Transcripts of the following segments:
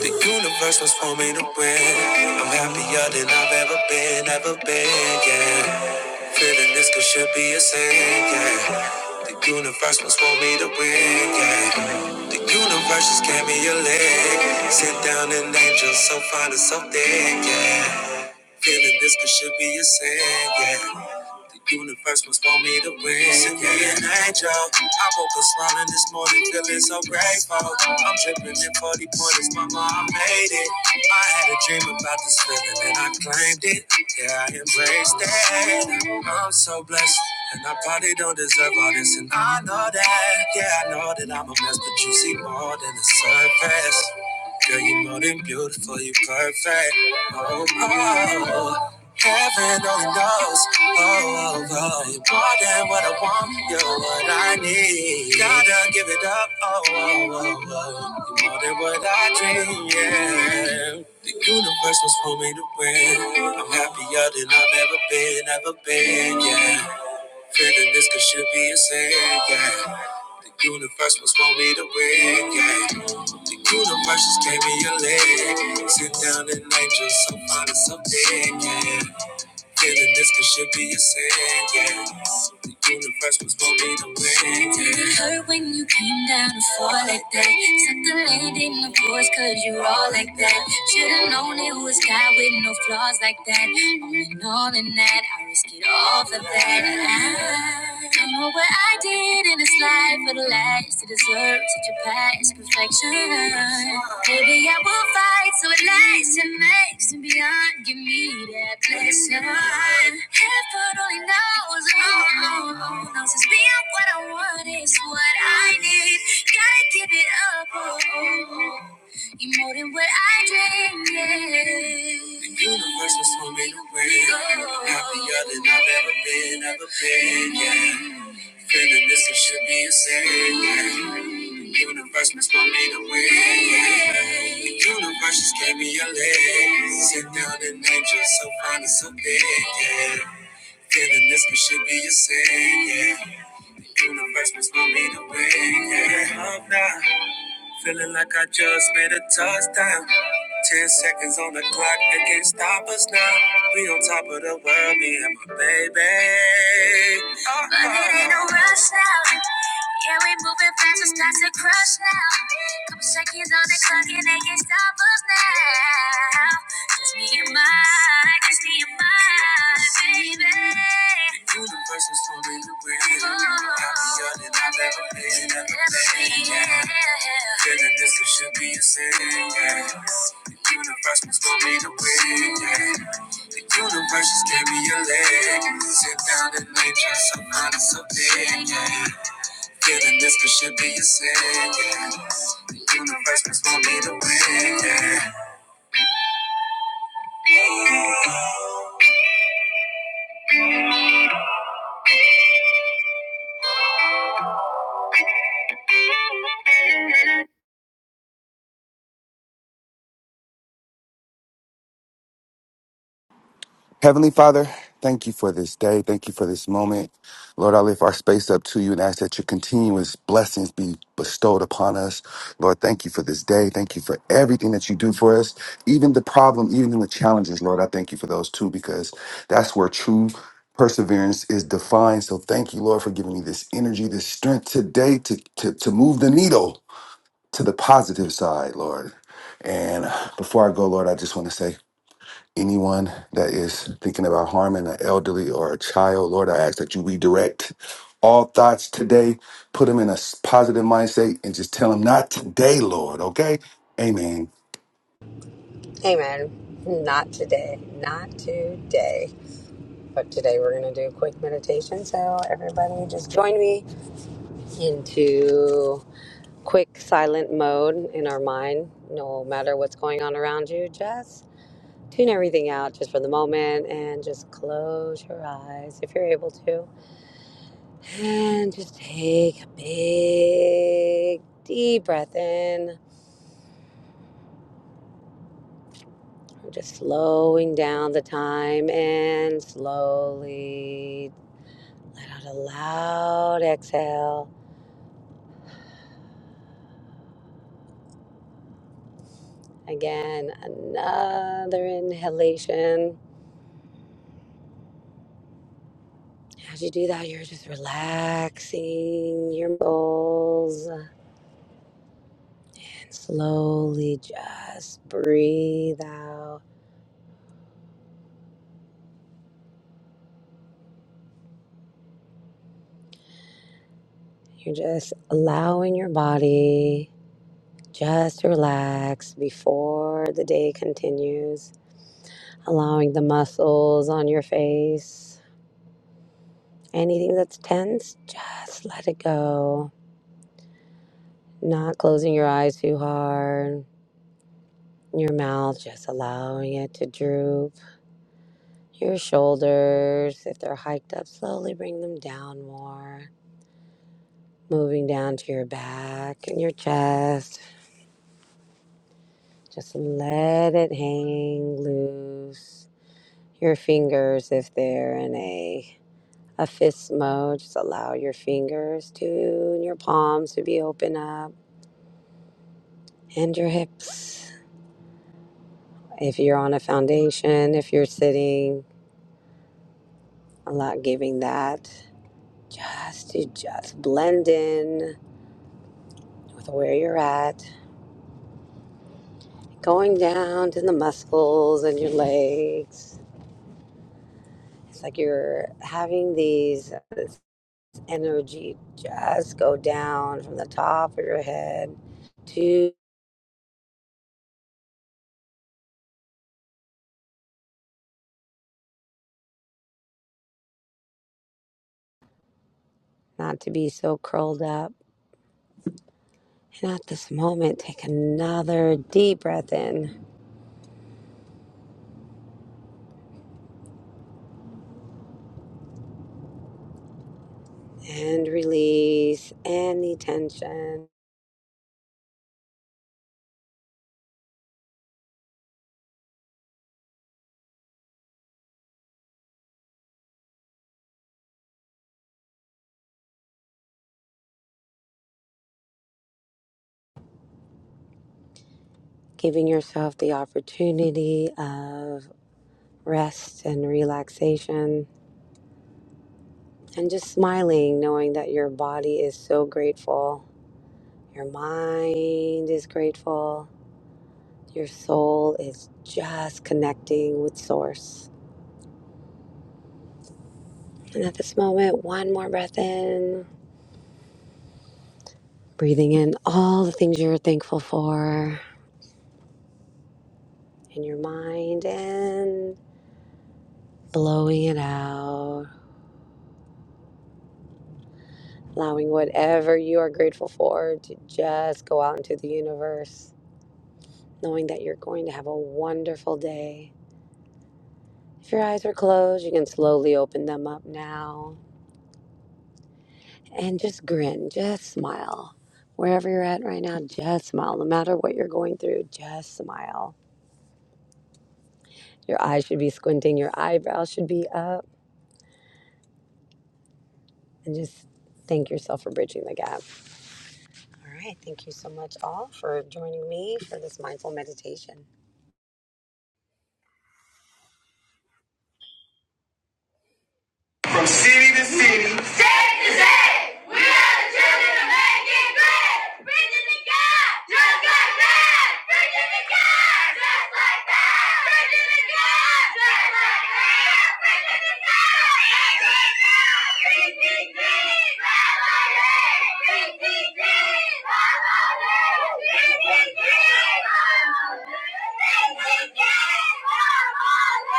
The universe was for me to win. I'm happier than I've ever been, ever been, yeah. Feeling this could should be a sin, yeah. The universe was for me to win, yeah. The universe just gave me a leg. Sit down an angel so fine and so thick, yeah. Feeling this could should be a sin, yeah. The universe must want me to win. Send me an angel. I woke up smiling this morning, feeling so grateful. I'm dripping in 40 pointers, mama, I made it. I had a dream about this feeling and I claimed it. Yeah, I embraced it. I'm so blessed. And I probably don't deserve all this, and I know that. Yeah, I know that I'm a mess, but you see more than the surface. Girl, you are more than beautiful, you are perfect. Oh, oh, heaven only knows. Oh, oh, oh, you more than what I want, you're what I need. Gotta give it up. Oh, oh, oh, oh, you more than what I dream. Yeah, the universe was for me to win. I'm happier than I've ever been, ever been. Yeah. Feeling this could should be a sin, yeah. The universe must want me to win, yeah. The universe just gave me a leg. Sit down and angel, so fine and so big, yeah. Feeling this could should be a sin, yeah. The universe was gonna be the win, yeah. Did it hurt when you came down to fall like that? Suck the land in the force, cause you all like that. Should've known it was God with no flaws like that. All in all, in that, I risk it all for that. I don't know what I did fight in this life for the lies to deserve such a past perfection. Maybe I will fight so it lasts and makes and beyond. Give me that blessing. Heaven only knows, oh, oh, oh, knows it's beyond what I want is what I need. Gotta give it up, oh, oh, oh. You more than what I dreamed. Yeah. The universe was swimming away. Happier than I've ever been, ever been. Yeah. Feeling this it should be a sin. The universe must want me to win. yeah. The universe just gave me a leg. Sit down and angel, so fine and so big. Yeah. Feeling this it should be a sin. Yeah. The Universe must want me to win. Yeah. Love now. Feeling like I just made a touchdown. Ten seconds on the clock, they can't stop us now. We on top of the world, me and my baby. Uh-huh. But it ain't no rush now. Yeah, we moving fast, it's not to crush now. Couple seconds on the clock can that can stop us now. Just me and my, just me and my baby. Universe is for me to win. Happier than I've ever been. Ever been yeah. Feeling this it should be a sin. Yeah. The universe was for me to win. Yeah. The universe just gave me a leg. Sit down and nature so kind of so big. Yeah. Feeling this could should be a sin. yeah. The universe must want me to win. yeah. Thank you. Heavenly Father, thank you for this day. Thank you for this moment. Lord, I lift our space up to you and ask that your continuous blessings be bestowed upon us. Lord, thank you for this day. Thank you for everything that you do for us, even the problem, even the challenges, Lord. I thank you for those too, because that's where true perseverance is defined. So thank you, Lord, for giving me this energy, this strength today to, to, to move the needle to the positive side, Lord. And before I go, Lord, I just want to say, Anyone that is thinking about harming an elderly or a child, Lord, I ask that you redirect all thoughts today. Put them in a s- positive mindset and just tell them not today, Lord, okay? Amen. Amen. Not today. Not today. But today we're going to do a quick meditation. So, everybody, just join me into quick silent mode in our mind. No matter what's going on around you, just tune everything out just for the moment and just close your eyes if you're able to. And just take a big, deep breath in. Just slowing down the time and slowly Let out a loud exhale. Again, another inhalation. As you do that, you're just relaxing your muscles and slowly just breathe out. You're just allowing your body just to relax before the day continues, allowing the muscles on your face. Anything that's tense, just let it go Not closing your eyes too hard, your mouth just allowing it to droop. Your shoulders, if they're hiked up, slowly bring them down more. Moving down to your back and your chest. Just let it hang loose. Your fingers, if they're in a, a fist mode, just allow your fingers to, and your palms to be open up, and your hips. If you're on a foundation, if you're sitting, Allow giving that just to just blend in with where you're at. Going down to the muscles in your legs. It's like you're having these this energy just go down from the top of your head to not to be so curled up. And at this moment, take another deep breath in and release any tension, giving yourself the opportunity of rest and relaxation, and just smiling, knowing that your body is so grateful, your mind is grateful, your soul is just connecting with Source. And at this moment, one more breath in, breathing in all the things you're thankful for in your mind and blowing it out, allowing whatever you are grateful for to just go out into the universe, knowing that you're going to have a wonderful day If your eyes are closed, you can slowly open them up now and just grin, just smile. Wherever you're at right now, just smile. No matter what you're going through, just smile. Your eyes should be squinting, your eyebrows should be up, and just thank yourself for bridging the gap. All right. Thank you so much, all, for joining me for this mindful meditation. From city to city. State to state. We are the children of making good. Preaching to God. Just like that. Preaching to God. Just like that. Preaching to God. Just like that. Preaching to God. Just like that. PTG. Family. PTG. Family. PTG. Family. PTG.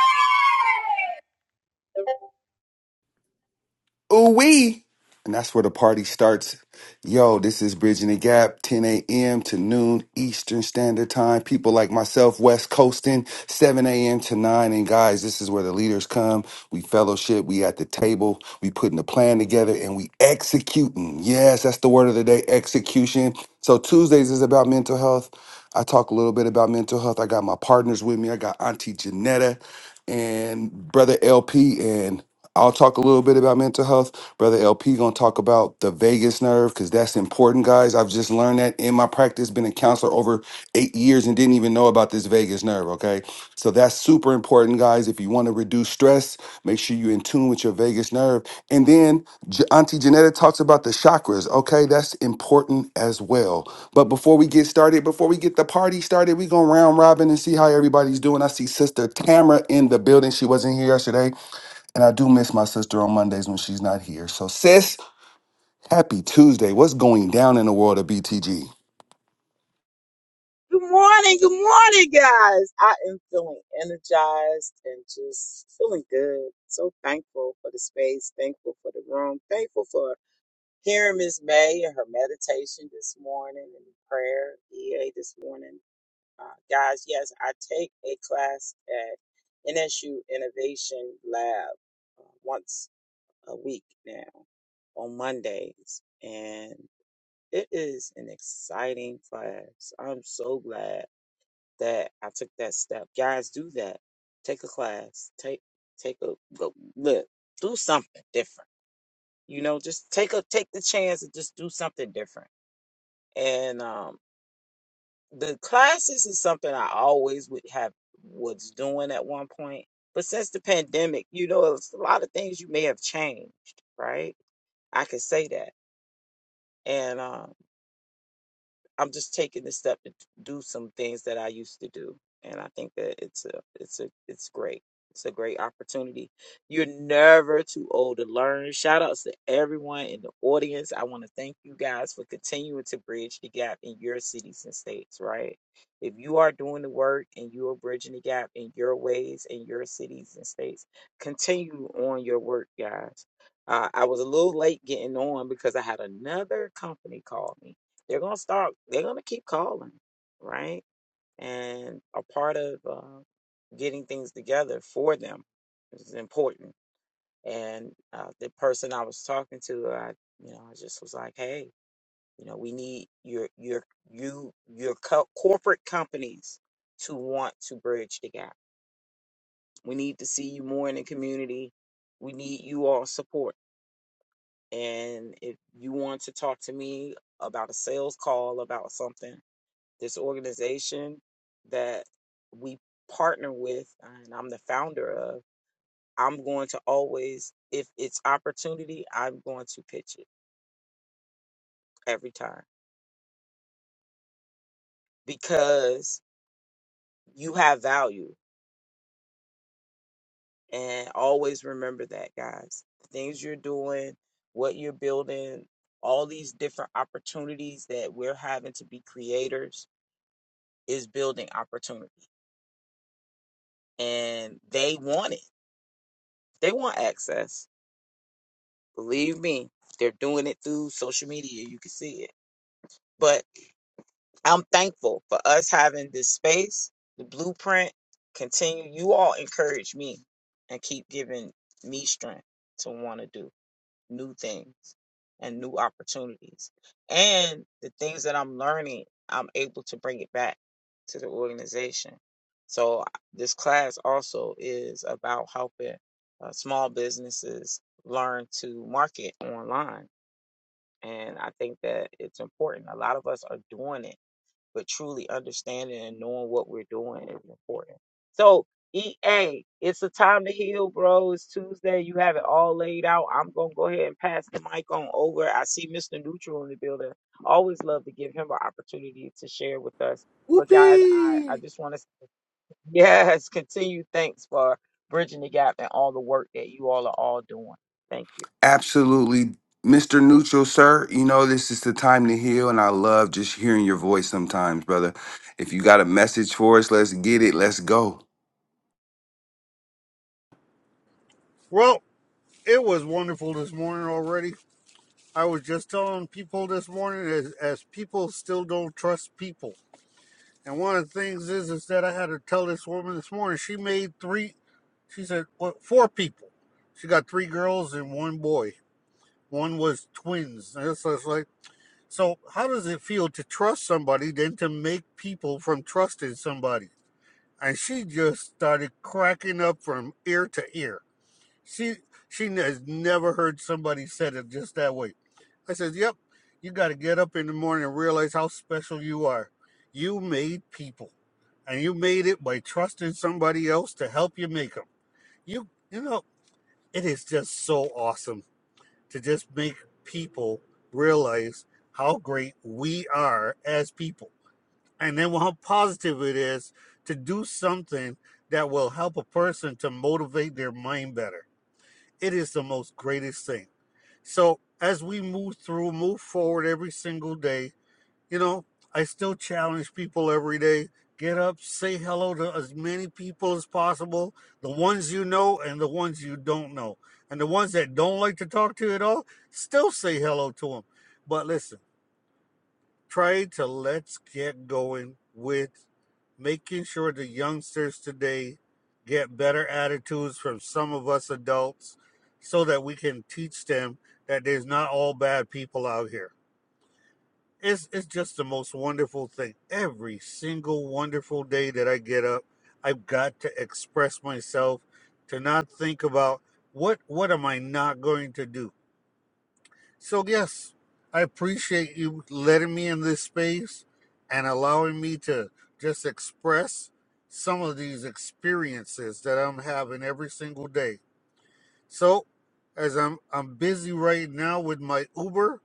Family. Ooh wee. And that's where the party starts. Yo, this is Bridging the Gap, 10 a.m. to noon Eastern Standard Time. People like myself, West Coasting, 7 a.m. to 9. And guys, this is where the leaders come. We fellowship, we at the table, we putting the plan together, and we executing. Yes, that's the word of the day, execution. So Tuesdays is about mental health. I talk a little bit about mental health. I got my partners with me. I got Auntie Janetta and Brother LP and I'll talk a little bit about mental health. Brother LP gonna talk about the vagus nerve because that's important, guys. I've just learned that in my practice, been a counselor over eight years and didn't even know about this vagus nerve. Okay, so that's super important, guys. If you want to reduce stress, make sure you in tune with your vagus nerve. And then J- Auntie Janetta talks about the chakras. Okay, that's important as well. But before we get started, before we get the party started, we gonna round robin and see how everybody's doing. I see Sister Tamara in the building. She wasn't here yesterday. And I do miss my sister on Mondays when she's not here. So, sis, happy Tuesday. What's going down in the world of BTG? Good morning, good morning, guys. I am feeling energized and just feeling good. So thankful for the space, thankful for the room, thankful for hearing Miss May and her meditation this morning and the prayer EA this morning. Uh, guys, yes, I take a class at NSU Innovation Lab uh, once a week now on Mondays, and it is an exciting class. I'm so glad that I took that step. Guys, do that. Take a class. Take take a go look. Do something different. You know, just take a take the chance and just do something different. And um the classes is something I always would have was doing at one point. But since the pandemic, you know, it's a lot of things you may have changed, right? I can say that. And um, I'm just taking the step to do some things that I used to do, and I think that it's a it's a it's great. It's a great opportunity. You're never too old to learn. Shout outs to everyone in the audience. I want to thank you guys for continuing to bridge the gap in your cities and states, right? If you are doing the work and you are bridging the gap in your ways in your cities and states, continue on your work, guys. Uh, I was a little late getting on because I had another company call me they're gonna start they're gonna keep calling right and a part of uh, getting things together for them is important and uh, the person i was talking to i you know i just was like hey you know we need your your you your co- corporate companies to want to bridge the gap we need to see you more in the community we need you all support and if you want to talk to me about a sales call about something this organization that we partner with and I'm the founder of, I'm going to always, if it's opportunity, I'm going to pitch it every time because you have value. And always remember that, guys. The things you're doing, what you're building, all these different opportunities that we're having to be creators is building opportunity. And they want it. They want access Believe me, they're doing it through social media. You can see it. But I'm thankful for us having this space, the blueprint. Continue. You all encourage me and keep giving me strength to want to do new things and new opportunities. And the things that I'm learning, I'm able to bring it back to the organization. So this class also is about helping uh, small businesses learn to market online and I think that it's important. A lot of us are doing it, but truly understanding and knowing what we're doing is important. So, EA, it's a time to heal, bro. It's Tuesday. You have it all laid out. I'm going to go ahead and pass the mic on over. I see Mr. Neutral in the building. Always love to give him an opportunity to share with us. But, guys, I, I Whoopee! just want to, yes, continue. Thanks for bridging the gap and all the work that you all are all doing. Thank you. Absolutely, Mr. Neutral, sir. You know, this is the time to heal, and I love just hearing your voice sometimes, brother. If you got a message for us, let's get it. Let's go. Well, it was wonderful this morning already. I was just telling people this morning as, as people still don't trust people. And one of the things is is that I had to tell this woman this morning. She made three. She said what, four people. She got three girls and one boy. One was twins. And it's just like so. How does it feel to trust somebody than to make people from trusting somebody? And she just started cracking up from ear to ear She she has never heard somebody said it just that way. I said, Yep, you gotta get up in the morning and realize how special you are. You made people. And you made it by trusting somebody else to help you make them. You you know, it is just so awesome to just make people realize how great we are as people. And then how positive it is to do something that will help a person to motivate their mind better it is the most greatest thing. So as we move through, move forward every single day, you know, I still challenge people every day. Get up, say hello to as many people as possible, the ones you know and the ones you don't know. And the ones that don't like to talk to you at all, still say hello to them. But listen, trying to let's get going with making sure the youngsters today get better attitudes from some of us adults so that we can teach them that there's not all bad people out here. It's, it's just the most wonderful thing. Every single wonderful day that I get up, I've got to express myself to not think about what what am I not going to do? So, yes, I appreciate you letting me in this space and allowing me to just express some of these experiences that I'm having every single day. So, as I'm I'm busy right now with my Uber,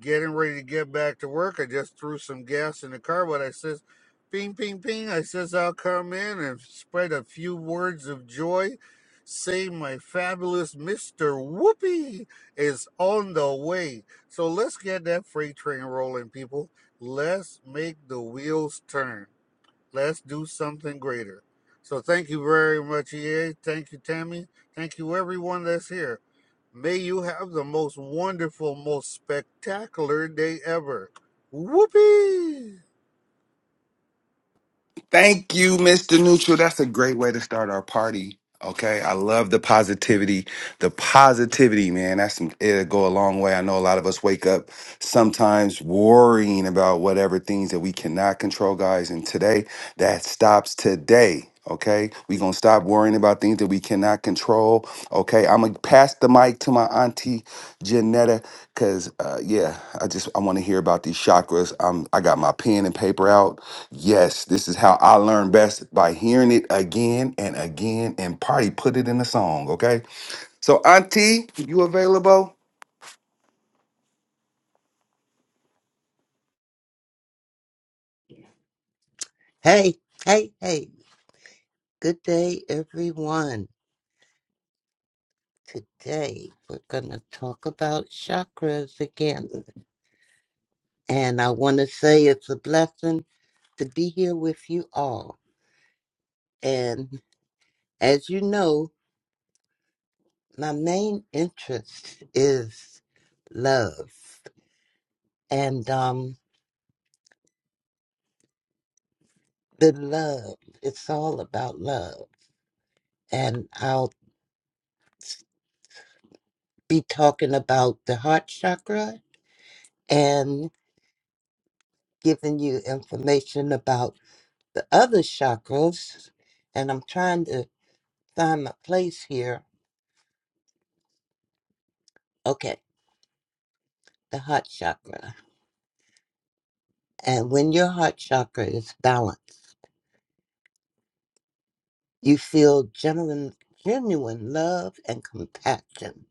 getting ready to get back to work. I just threw some gas in the car, but I says, "Ping, ping, ping." I says, "I'll come in and spread a few words of joy." Say my fabulous Mr. Whoopi is on the way. So let's get that freight train rolling, people. Let's make the wheels turn. Let's do something greater. So thank you very much, EA. Thank you, Tammy. Thank you, everyone that's here. May you have the most wonderful, most spectacular day ever. Whoopee! Thank you, Mr. Neutral. That's a great way to start our party. Okay. I love the positivity. The positivity, man. That's some, it'll go a long way. I know a lot of us wake up sometimes worrying about whatever things that we cannot control, guys. And today, that stops today. Okay. We're gonna stop worrying about things that we cannot control. Okay. I'm gonna pass the mic to my auntie Janetta. Cause uh yeah, I just I want to hear about these chakras. I'm I got my pen and paper out. Yes, this is how I learn best by hearing it again and again and party put it in the song, okay? So Auntie, you available? Hey, hey, hey. Good day, everyone. Today, we're going to talk about chakras again. And I want to say it's a blessing to be here with you all. And as you know, my main interest is love. And um, the love, it's all about love. And I'll be talking about the heart chakra and giving you information about the other chakras, and I'm trying to find my place here. Okay, the heart chakra. And when your heart chakra is balanced, you feel genuine, genuine love and compassion,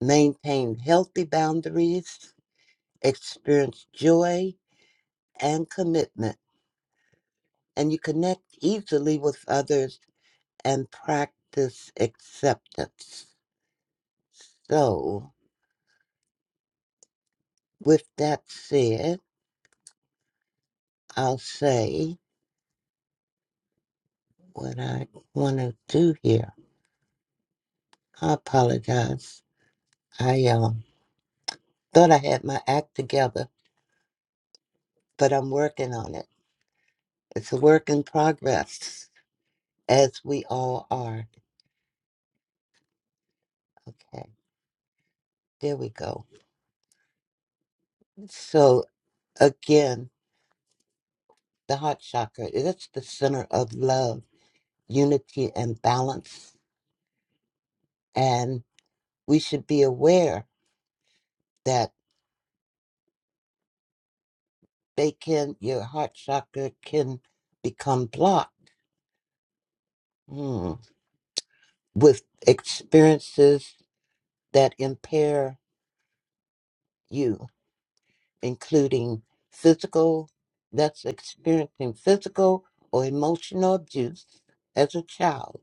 maintain healthy boundaries, experience joy and commitment, and you connect easily with others and practice acceptance. So, with that said, I'll say what I want to do here. I apologize. I um, thought I had my act together, but I'm working on it. It's a work in progress, as we all are. Okay, there we go. So, again, the heart chakra, it's the center of love, unity, and balance. And we should be aware that they can, your heart chakra can become blocked hmm, with experiences that impair you, including physical, that's experiencing physical or emotional abuse as a child,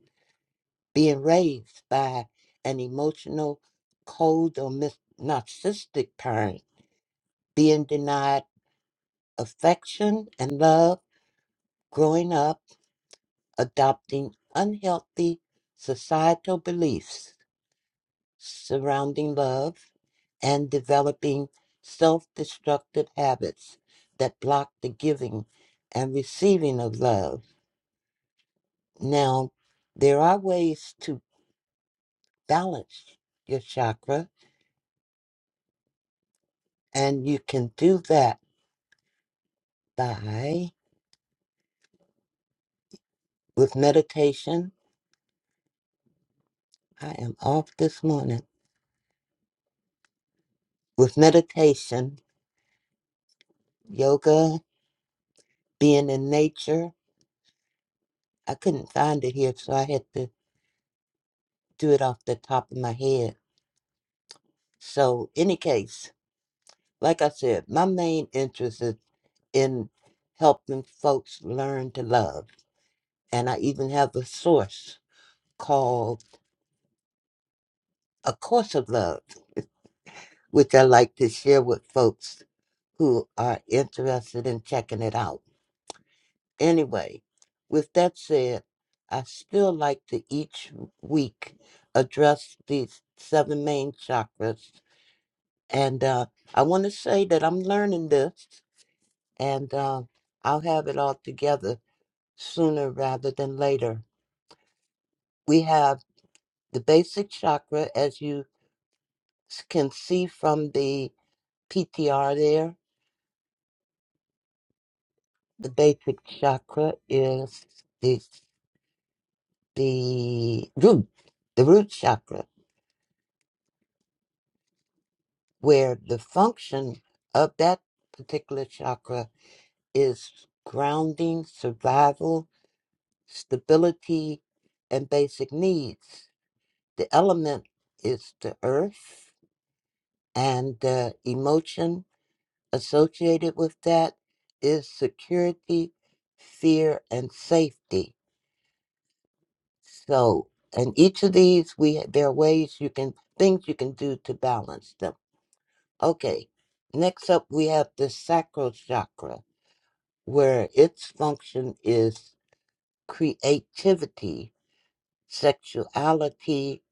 being raised by an emotional, cold, or mis- narcissistic parent, being denied affection and love, growing up, adopting unhealthy societal beliefs surrounding love, and developing self destructive habits that block the giving and receiving of love. Now, there are ways to balance your chakra, and you can do that by with meditation. I am off this morning. With meditation, yoga, being in nature. I couldn't find it here, so I had to do it off the top of my head. So, any case, like I said, my main interest is in helping folks learn to love. And I even have a source called A Course of Love, which I like to share with folks who are interested in checking it out. Anyway, with that said, I still like to each week address these seven main chakras. And uh, I want to say that I'm learning this and uh, I'll have it all together sooner rather than later. We have the basic chakra, as you s- can see from the PTR there. The basic chakra is the the root, the root chakra, where the function of that particular chakra is grounding, survival, stability, and basic needs. The element is the earth, and the emotion associated with that is security, fear, and safety. So, and each of these, we there are ways you can things you can do to balance them. Okay, next up we have the sacral chakra, where its function is creativity, sexuality,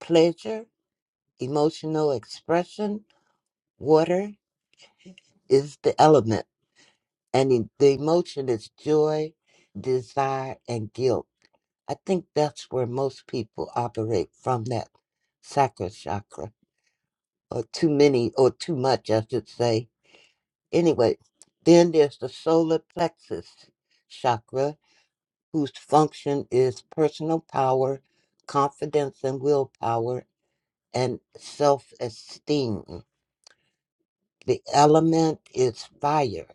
pleasure, emotional expression. Water is the element And in- the emotion is joy, desire, and guilt. I think that's where most people operate from that sacral chakra, or too many, or too much, I should say. Anyway, then there's the solar plexus chakra, whose function is personal power, confidence, and willpower, and self esteem. The element is fire.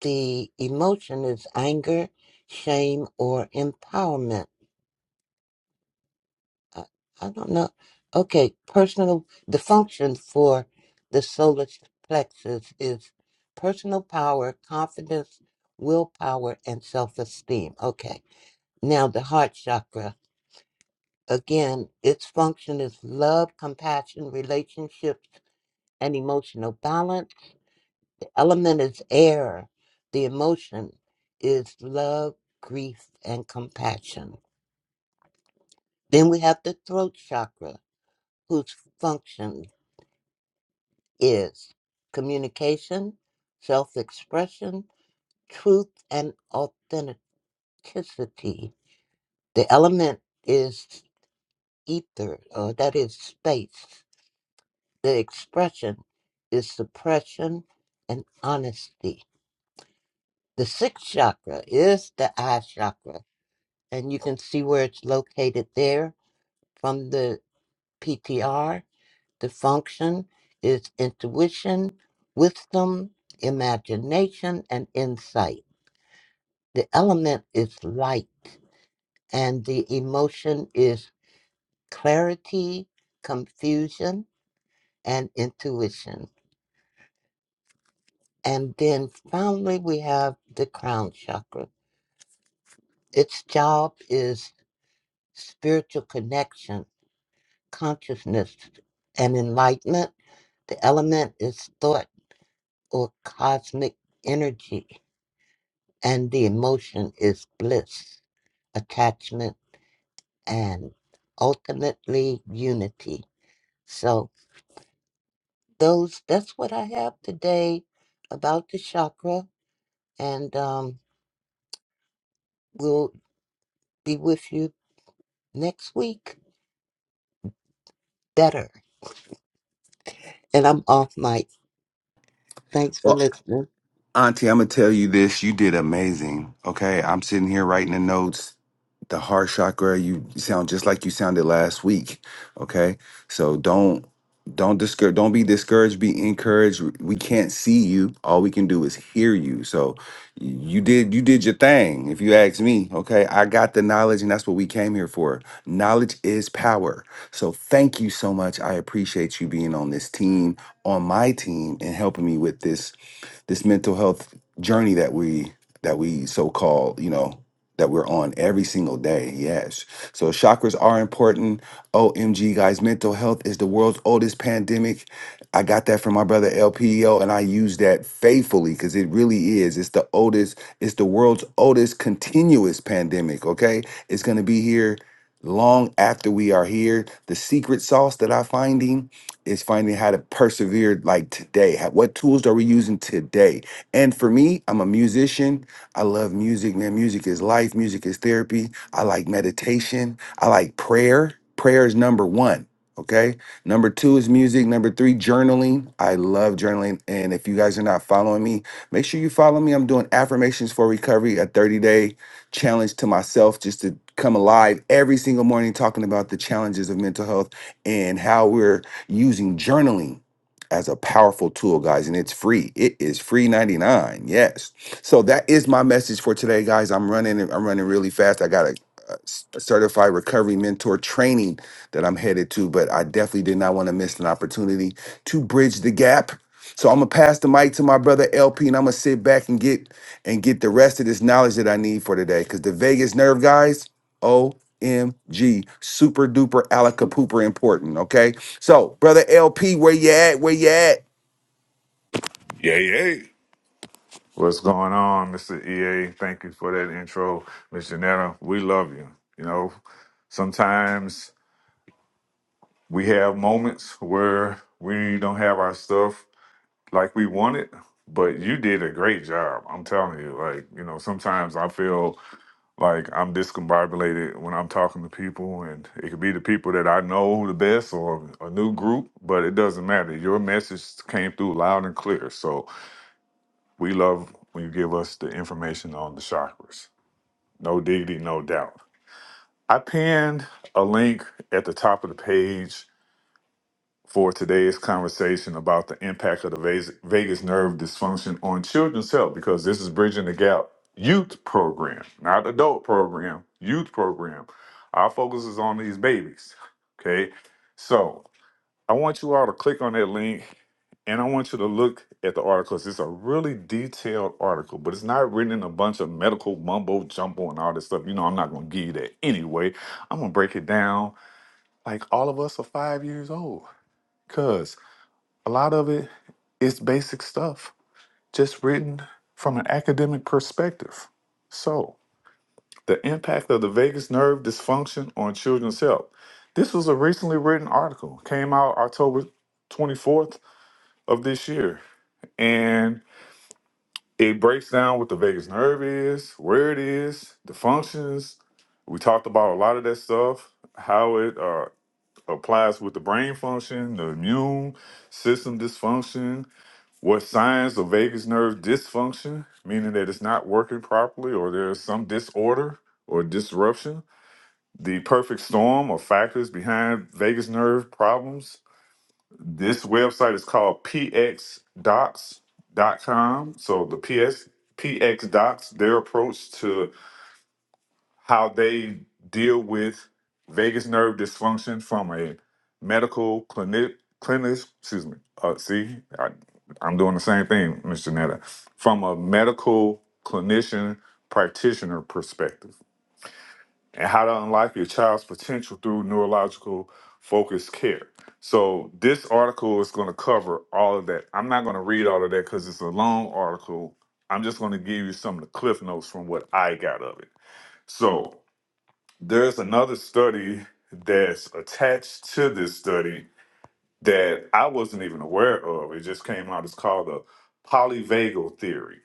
the emotion is anger, shame, or empowerment. I, I don't know. Okay, personal, the function for the solar plexus is personal power, confidence, willpower, and self esteem. Okay, now the heart chakra. Again, its function is love, compassion, relationships, and emotional balance Element is air. The emotion is love, grief, and compassion. Then we have the throat chakra, whose function is communication, self expression, truth, and authenticity. The element is ether, or that is space. The expression is suppression and honesty. The sixth chakra is the eye chakra and you can see where it's located there from the PTR. The function is intuition, wisdom, imagination, and insight. The element is light, and the emotion is clarity, confusion, and intuition. And then finally, we have the crown chakra. Its job is spiritual connection, consciousness, and enlightenment The element is thought or cosmic energy, and the emotion is bliss, attachment, and ultimately unity. So those that's what I have today about the chakra, and um, we'll be with you next week better. And I'm off mic. Thanks for listening. Auntie, I'm gonna tell you this. You did amazing. Okay. I'm sitting here writing the notes. The heart chakra, you sound just like you sounded last week. Okay. So don't don't discour don't be discouraged, be encouraged. We can't see you. All we can do is hear you. So you did you did your thing, if you ask me. Okay. I got the knowledge and that's what we came here for. Knowledge is power. So thank you so much. I appreciate you being on this team, on my team, and helping me with this this mental health journey that we that we so called you know that we're on every single day yes so chakras are important omg guys mental health is the world's oldest pandemic i got that from my brother LPO, and i use that faithfully because it really is it's the oldest it's the world's oldest continuous pandemic okay it's going to be here long after we are here the secret sauce that i'm finding is finding how to persevere like today. How, what tools are we using today? And for me, I'm a musician. I love music, man. Music is life, music is therapy. I like meditation. I like prayer. Prayer is number one. Okay. Number two is music. Number three, journaling. I love journaling. And if you guys are not following me, make sure you follow me. I'm doing affirmations for recovery, a 30 day challenge to myself just to come alive every single morning, talking about the challenges of mental health and how we're using journaling as a powerful tool, guys, and it's free. It is free 99. Yes. So that is my message for today, guys. I'm running I'm running really fast. I got a, a s- a certified recovery mentor training that I'm headed to, but I definitely did not want to miss an opportunity to bridge the gap. So I'm gonna pass the mic to my brother LP and I'm gonna sit back and get and get the rest of this knowledge that I need for today. Cause the Vegas nerve guys, OMG, super duper alaka pooper important. Okay. So, brother LP, where you at? Where you at? Yeah, yay. What's going on, Mr. EA? Thank you for that intro, Miss Janetta. We love you. You know, sometimes we have moments where we don't have our stuff like we want it, but you did a great job. I'm telling you, like, you know, sometimes I feel like I'm discombobulated when I'm talking to people, and it could be the people that I know the best or a new group, but it doesn't matter. Your message came through loud and clear. So, We love when you give us the information on the chakras. No diggity, no doubt. I pinned a link at the top of the page for today's conversation about the impact of the vas- vagus nerve dysfunction on children's health because this is Bridging the Gap youth program, not adult program, youth program. Our focus is on these babies. Okay. so. I want you all to click on that link and I want you to look at the articles. It's a really detailed article, but it's not written in a bunch of medical mumbo jumbo and all this stuff. You know, I'm not going to give you that anyway. I'm going to break it down like all of us are five years old because a lot of it is basic stuff, just written from an academic perspective. So, the impact of the vagus nerve dysfunction on children's health. This was a recently written article, came out October 24th, of this year. And it breaks down what the vagus nerve is, where it is, the functions. We talked about a lot of that stuff, how it uh, applies with the brain function, the immune system dysfunction, what signs of vagus nerve dysfunction, meaning that it's not working properly or there's some disorder or disruption, the perfect storm of factors behind vagus nerve problems, This website is called pxdocs.com. So the P S P X Docs, their approach to how they deal with vagus nerve dysfunction from a medical clinic clinic. Excuse me. Uh, see, I, I'm doing the same thing, Miss Janetta, from a medical clinician practitioner perspective and how to unlock your child's potential through neurological focused care. So this article is going to cover all of that. I'm not going to read all of that because it's a long article. I'm just going to give you some of the cliff notes from what I got of it. So there's another study that's attached to this study that I wasn't even aware of. It just came out. It's called the polyvagal theory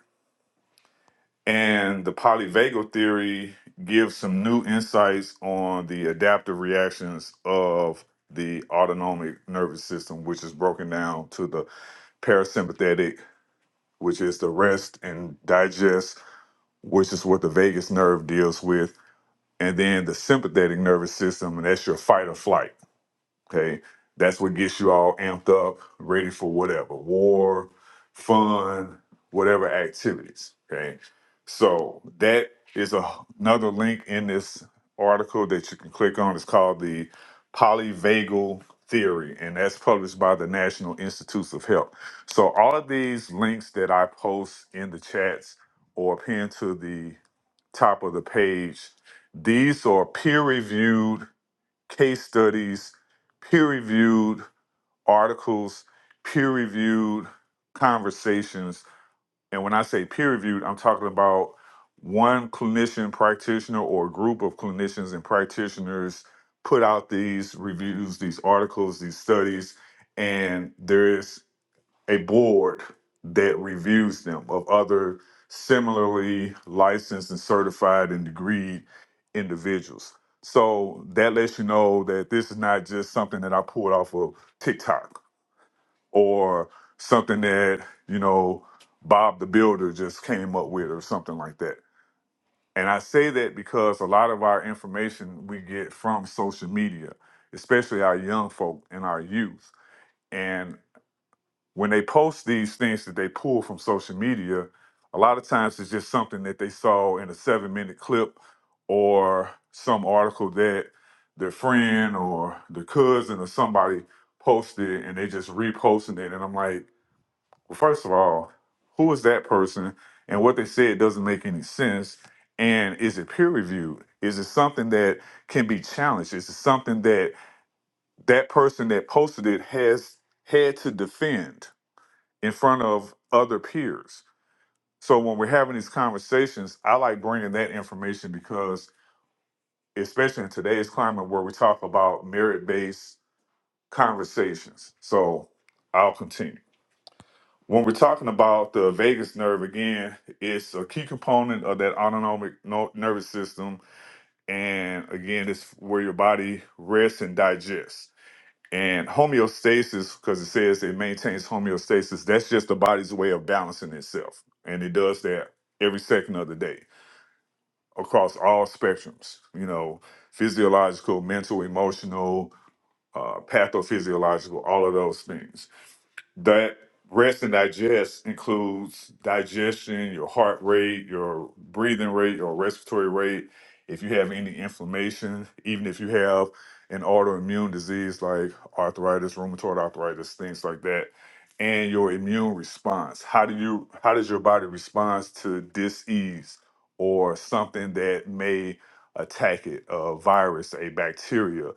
and the polyvagal theory gives some new insights on the adaptive reactions of the autonomic nervous system, which is broken down to the parasympathetic, which is the rest and digest, which is what the vagus nerve deals with, and then the sympathetic nervous system, and that's your fight or flight. Okay. That's what gets you all amped up, ready for whatever war, fun, whatever activities. Okay. So that is a, another link in this article that you can click on. It's called the polyvagal theory, and that's published by the National Institutes of Health. So all of these links that I post in the chats or pin to the top of the page, these are peer reviewed case studies, peer reviewed articles, peer reviewed conversations. And when I say peer reviewed, I'm talking about one clinician practitioner or a group of clinicians and practitioners put out these reviews, these articles, these studies, and there is a board that reviews them of other similarly licensed and certified and degreed individuals. So that lets you know that this is not just something that I pulled off of TikTok or something that, you know, Bob the Builder just came up with or something like that. And I say that because a lot of our information we get from social media, especially our young folk and our youth. and when they post these things that they pull from social media, a lot of times it's just something that they saw in a seven minute clip or some article that their friend or their cousin or somebody posted and they just reposting it. And I'm like, well, first of all, who is that person? And what they said doesn't make any sense. And is it peer reviewed? Is it something that can be challenged? Is it something that that person that posted it has had to defend? in front of other peers. So when we're having these conversations, I like bringing that information because, especially in today's climate where we talk about merit based conversations. So I'll continue. When we're talking about the vagus nerve again, it's a key component of that autonomic no- nervous system. And again, it's where your body rests and digests. And homeostasis, because it says it maintains homeostasis, that's just the body's way of balancing itself. And it does that every second of the day across all spectrums, you know, physiological, mental, emotional, uh, pathophysiological, all of those things. That rest and digest includes digestion, your heart rate, your breathing rate, your respiratory rate. If you have any inflammation, even if you have an autoimmune disease like arthritis, rheumatoid arthritis, things like that, and your immune response. How do you how does your body respond to disease or something that may attack it, a virus, a bacteria?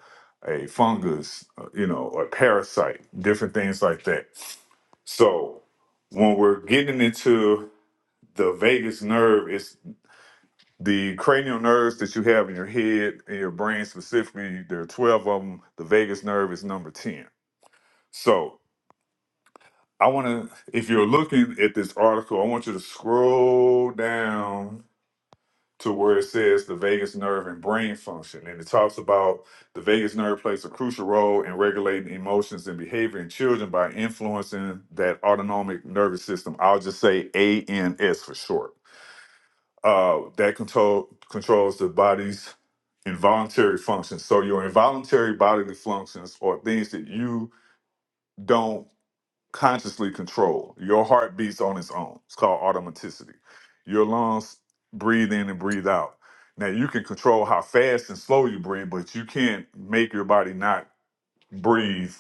a fungus, uh, you know, or parasite, different things like that. So when we're getting into the vagus nerve, it's the cranial nerves that you have in your head, in your brain specifically. There are 12 of them. The vagus nerve is number 10. So I want to, if you're looking at this article, I want you to scroll down to where it says the vagus nerve and brain function. And it talks about the vagus nerve plays a crucial role in regulating emotions and behavior in children by influencing that autonomic nervous system. I'll just say ANS for short. Uh, that control controls the body's involuntary functions. So your involuntary bodily functions are things that you don't consciously control. Your heart beats on its own. It's called automaticity. Your lungs breathe in and breathe out. Now you can control how fast and slow you breathe, but you can't make your body not breathe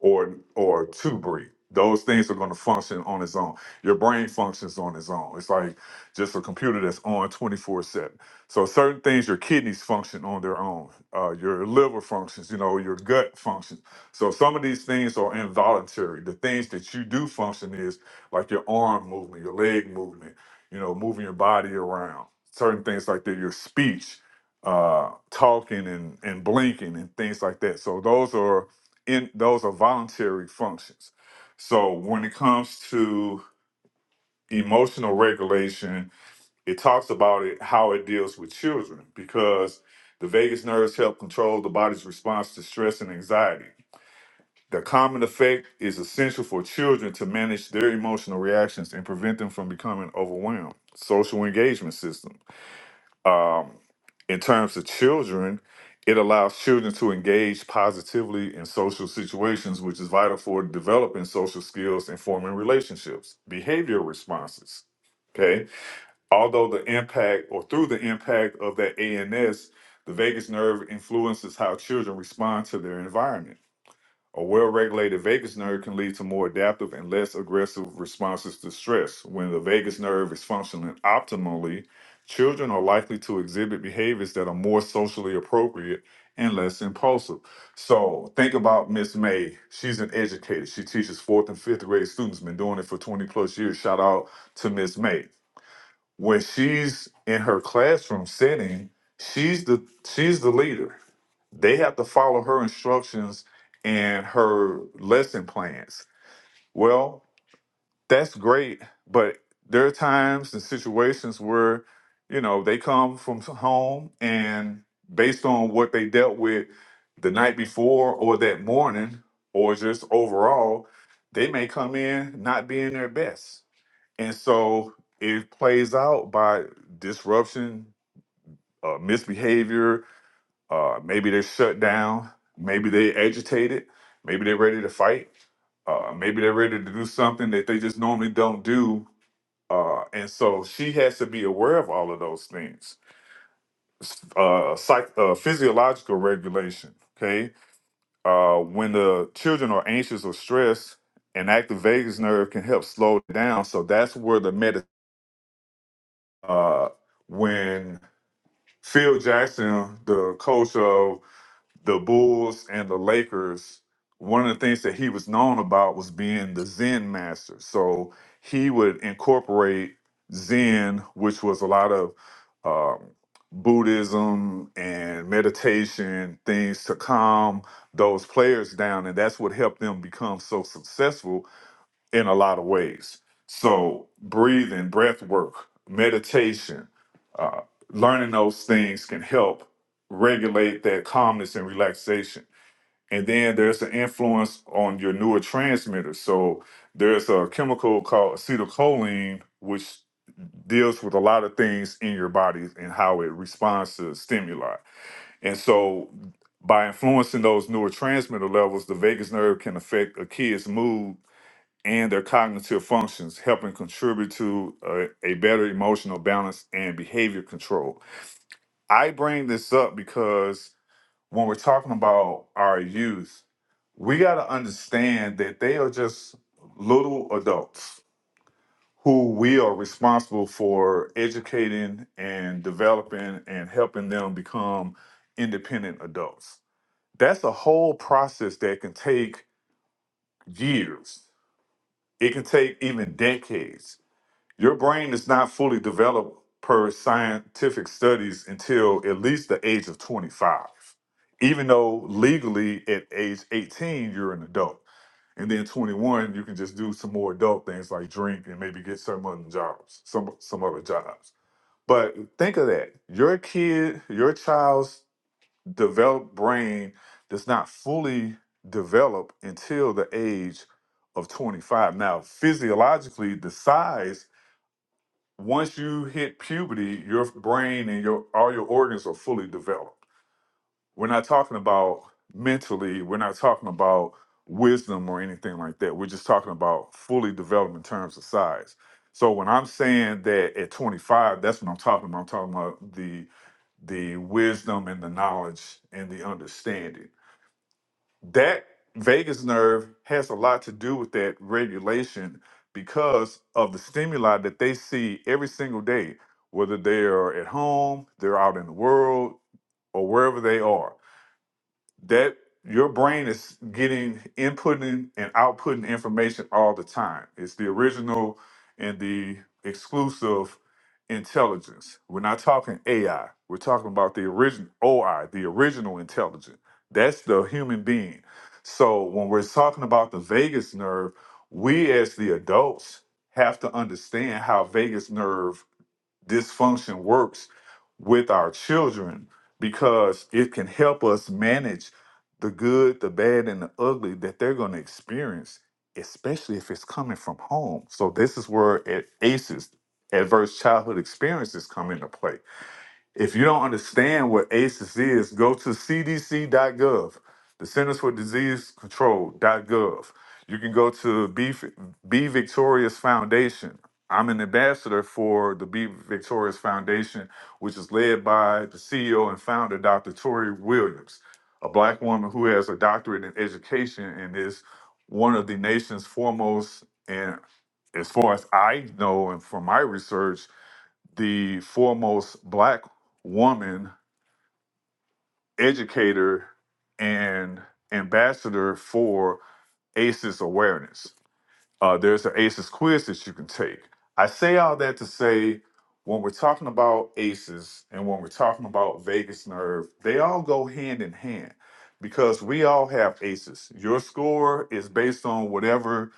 or or to breathe. Those things are going to function on its own. Your brain functions on its own. It's like just a computer that's on 24 7. So certain things, your kidneys function on their own. Uh, your liver functions, you know, your gut functions. So some of these things are involuntary. The things that you do function is like your arm movement, your leg movement, you know, moving your body around. Certain things like that, your speech, uh, talking and, and blinking and things like that. So those are in those are voluntary functions. So when it comes to emotional regulation, it talks about it how it deals with children because the vagus nerves help control the body's response to stress and anxiety. The common effect is essential for children to manage their emotional reactions and prevent them from becoming overwhelmed. Social engagement systems. Um, in terms of children, it allows children to engage positively in social situations, which is vital for developing social skills and forming relationships, behavioral responses. Okay. Although the impact or through the impact of that ANS, the vagus nerve influences how children respond to their environment. A well regulated vagus nerve can lead to more adaptive and less aggressive responses to stress. When the vagus nerve is functioning optimally, children are likely to exhibit behaviors that are more socially appropriate and less impulsive. So think about Miss May. She's an educator. She teaches fourth and fifth grade students, been doing it for 20 plus years. Shout out to Miss May. When she's in her classroom setting, she's the she's the leader they have to follow her instructions and her lesson plans. Well, that's great, but there are times and situations where, you know, they come from home and based on what they dealt with the night before or that morning or just overall, they may come in not being their best. And so it plays out by disruption, uh, misbehavior, uh, maybe they're shut down. Maybe they agitated. Maybe they're ready to fight. Uh, maybe they're ready to do something that they just normally don't do. Uh, and so she has to be aware of all of those things. S- Uh, psych- uh, physiological regulation. Okay. Uh, when the children are anxious or stressed, an active vagus nerve can help slow it down. So that's where the med. Uh, when Phil Jackson, the coach of the Bulls and the Lakers, one of the things that he was known about was being the Zen master. So he would incorporate Zen, which was a lot of um, Buddhism and meditation, things to calm those players down. And that's what helped them become so successful in a lot of ways. So breathing, breath work, meditation, uh, learning those things can help regulate that calmness and relaxation. And then there's an influence on your neurotransmitters. So there's a chemical called acetylcholine, which deals with a lot of things in your body and how it responds to stimuli. And so by influencing those neurotransmitter levels, the vagus nerve can affect a kid's mood and their cognitive functions, helping contribute to uh, a better emotional balance and behavior control. I bring this up because when we're talking about our youth, we got to understand that they are just little adults who we are responsible for educating and developing and helping them become independent adults. That's a whole process that can take years. It can take even decades Your brain is not fully developed per scientific studies until at least the age of 25, even though legally at age 18, you're an adult. And then 21, you can just do some more adult things like drink and maybe get some other jobs, some some other jobs. But think of that. Your kid, your child's developed brain does not fully develop until the age of 25. Now, physiologically, the size once you hit puberty, your brain and your all your organs are fully developed. We're not talking about mentally, we're not talking about wisdom or anything like that. We're just talking about fully developed in terms of size. So when I'm saying that at 25, that's what I'm talking about. I'm talking about the the wisdom and the knowledge and the understanding that vagus nerve has a lot to do with that regulation because of the stimuli that they see every single day, whether they are at home, they're out in the world, or wherever they are that your brain is getting inputting and outputting information all the time. It's the original and the exclusive intelligence. We're not talking AI. We're talking about the original OI, the original intelligence. That's the human being. So when we're talking about the vagus nerve, we as the adults have to understand how vagus nerve dysfunction works with our children because it can help us manage the good, the bad, and the ugly that they're going to experience, especially if it's coming from home. So, this is where at ACEs, adverse childhood experiences, come into play if you don't understand what ACEs is, go to cdc.gov, the Centers for Disease Control.gov. You can go to Be, Be Victorious Foundation. I'm an ambassador for the Be Victorious Foundation, which is led by the CEO and founder, Dr. Tori Williams, a black woman who has a doctorate in education and is one of the nation's foremost, and as far as I know and from my research, the foremost black woman educator and ambassador for ACEs awareness. Uh, there's an ACEs quiz that you can take. I say all that to say when we're talking about ACEs and when we're talking about vagus nerve, they all go hand in hand because we all have ACEs. Your score is based on whatever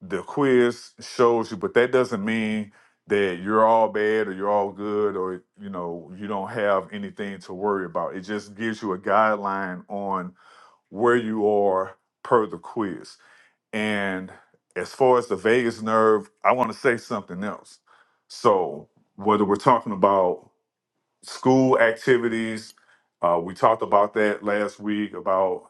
the quiz shows you, but that doesn't mean that you're all bad or you're all good or you know you don't have anything to worry about. It just gives you a guideline on where you are per the quiz. And as far as the vagus nerve, I want to say something else. So whether we're talking about school activities. Uh, we talked about that last week about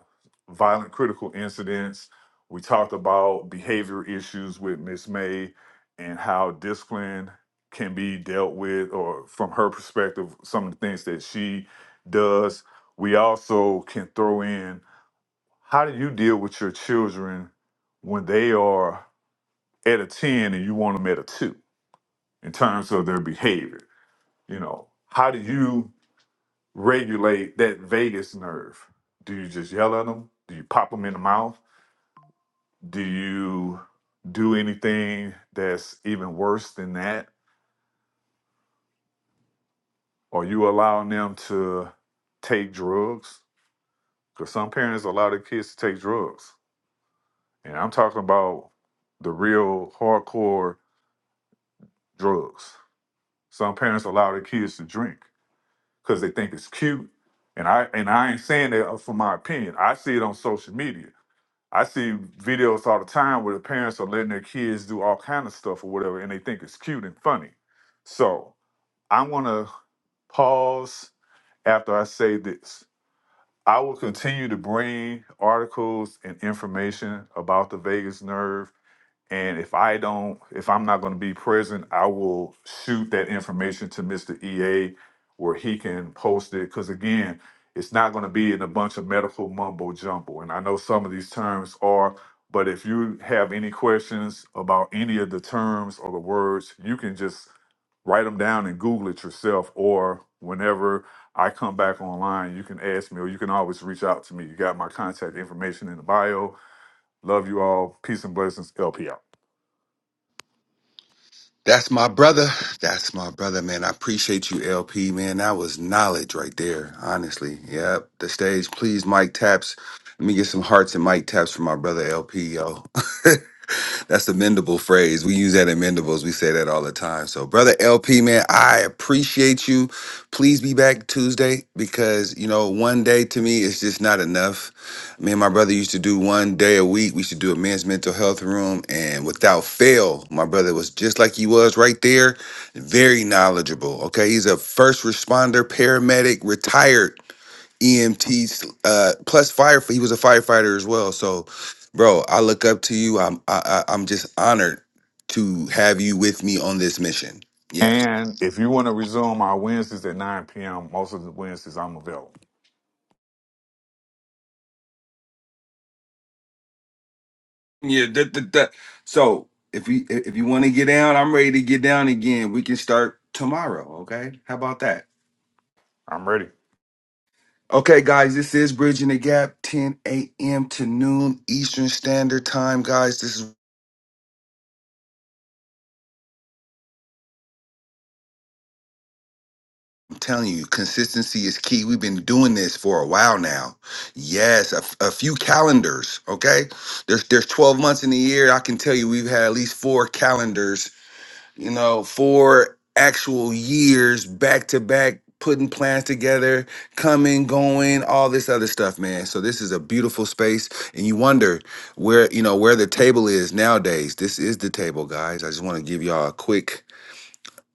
violent critical incidents. We talked about behavior issues with Miss May and how discipline can be dealt with, or from her perspective, some of the things that she does. We also can throw in how do you deal with your children when they are at a 10 and you want them at a 2 in terms of their behavior? You know, how do you regulate that vagus nerve? Do you just yell at them? Do you pop them in the mouth? Do you do anything that's even worse than that? Are you allowing them to take drugs? Because some parents allow their kids to take drugs. And I'm talking about the real hardcore drugs. Some parents allow their kids to drink because they think it's cute. And I and I ain't saying that for my opinion. I see it on social media. I see videos all the time where the parents are letting their kids do all kind of stuff or whatever, and they think it's cute and funny. So I'm gonna pause after I say this. I will continue to bring articles and information about the vagus nerve and if I don't, if I'm not going to be present, I will shoot that information to Mr. EA where he can post it. Because again, it's not going to be in a bunch of medical mumbo jumbo. And I know some of these terms are, but if you have any questions about any of the terms or the words, you can just write them down and Google it yourself. Or whenever I come back online, you can ask me or you can always reach out to me. You got my contact information in the bio. Love you all. Peace and blessings. LPR. That's my brother. That's my brother, man. I appreciate you, LP, man. That was knowledge right there, honestly. Yep. The stage, please, Mike Taps. Let me get some hearts and Mike Taps for my brother, LP, yo. That's the mendable phrase. We use that in mendables. We say that all the time. So, brother LP, man, I appreciate you. Please be back Tuesday because, you know, one day to me is just not enough. Me and my brother used to do one day a week. We should do a men's mental health room. And without fail, my brother was just like he was right there, very knowledgeable. Okay. He's a first responder, paramedic, retired EMTs uh, plus fire. He was a firefighter as well. So, bro, I look up to you. I'm I, I, I'm just honored to have you with me on this mission. Yes. And if you want to resume our Wednesdays at 9 p.m., most of the Wednesdays I'm available. Yeah. That, that, that. So if we if you want to get down, I'm ready to get down again. We can start tomorrow. Okay. How about that? I'm ready. Okay, guys, this is Bridging the Gap, 10 a.m. to noon Eastern Standard Time, guys. This is I'm telling you, consistency is key. We've been doing this for a while now. Yes, a, f- a few calendars. Okay, there's there's 12 months in the year. I can tell you, we've had at least four calendars. You know, four actual years back to back, putting plans together, coming, going, all this other stuff, man. So this is a beautiful space, and you wonder where you know where the table is nowadays. This is the table, guys. I just want to give y'all a quick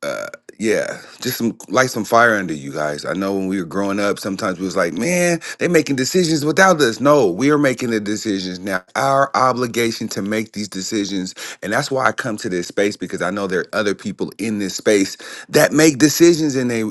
uh yeah just some light some fire under you guys i know when we were growing up sometimes we was like man they making decisions without us no we are making the decisions now our obligation to make these decisions and that's why i come to this space because i know there are other people in this space that make decisions in they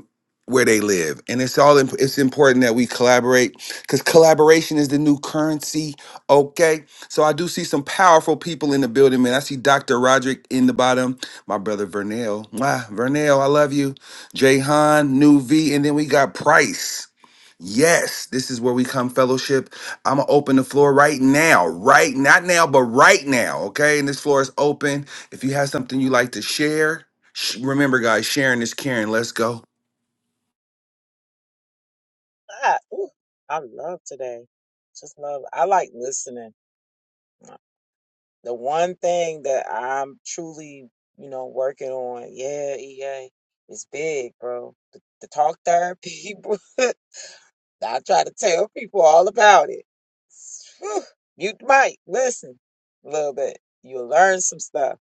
where they live and it's all imp- it's important that we collaborate because collaboration is the new currency okay so i do see some powerful people in the building man i see dr roderick in the bottom my brother Vernell. Mwah, Vernell, I love you. Jahan, New V, and then we got Price. Yes, this is where we come fellowship. I'm gonna open the floor right now, right not now, but right now. Okay, and this floor is open. If you have something you like to share, sh- remember, guys, sharing is caring. Let's go. I, ooh, I love today. Just love. I like listening. The one thing that I'm truly, you know, working on, yeah, EA, is big, bro. The, the talk therapy. bro. I try to tell people all about it. Whew. You might listen a little bit. You'll learn some stuff.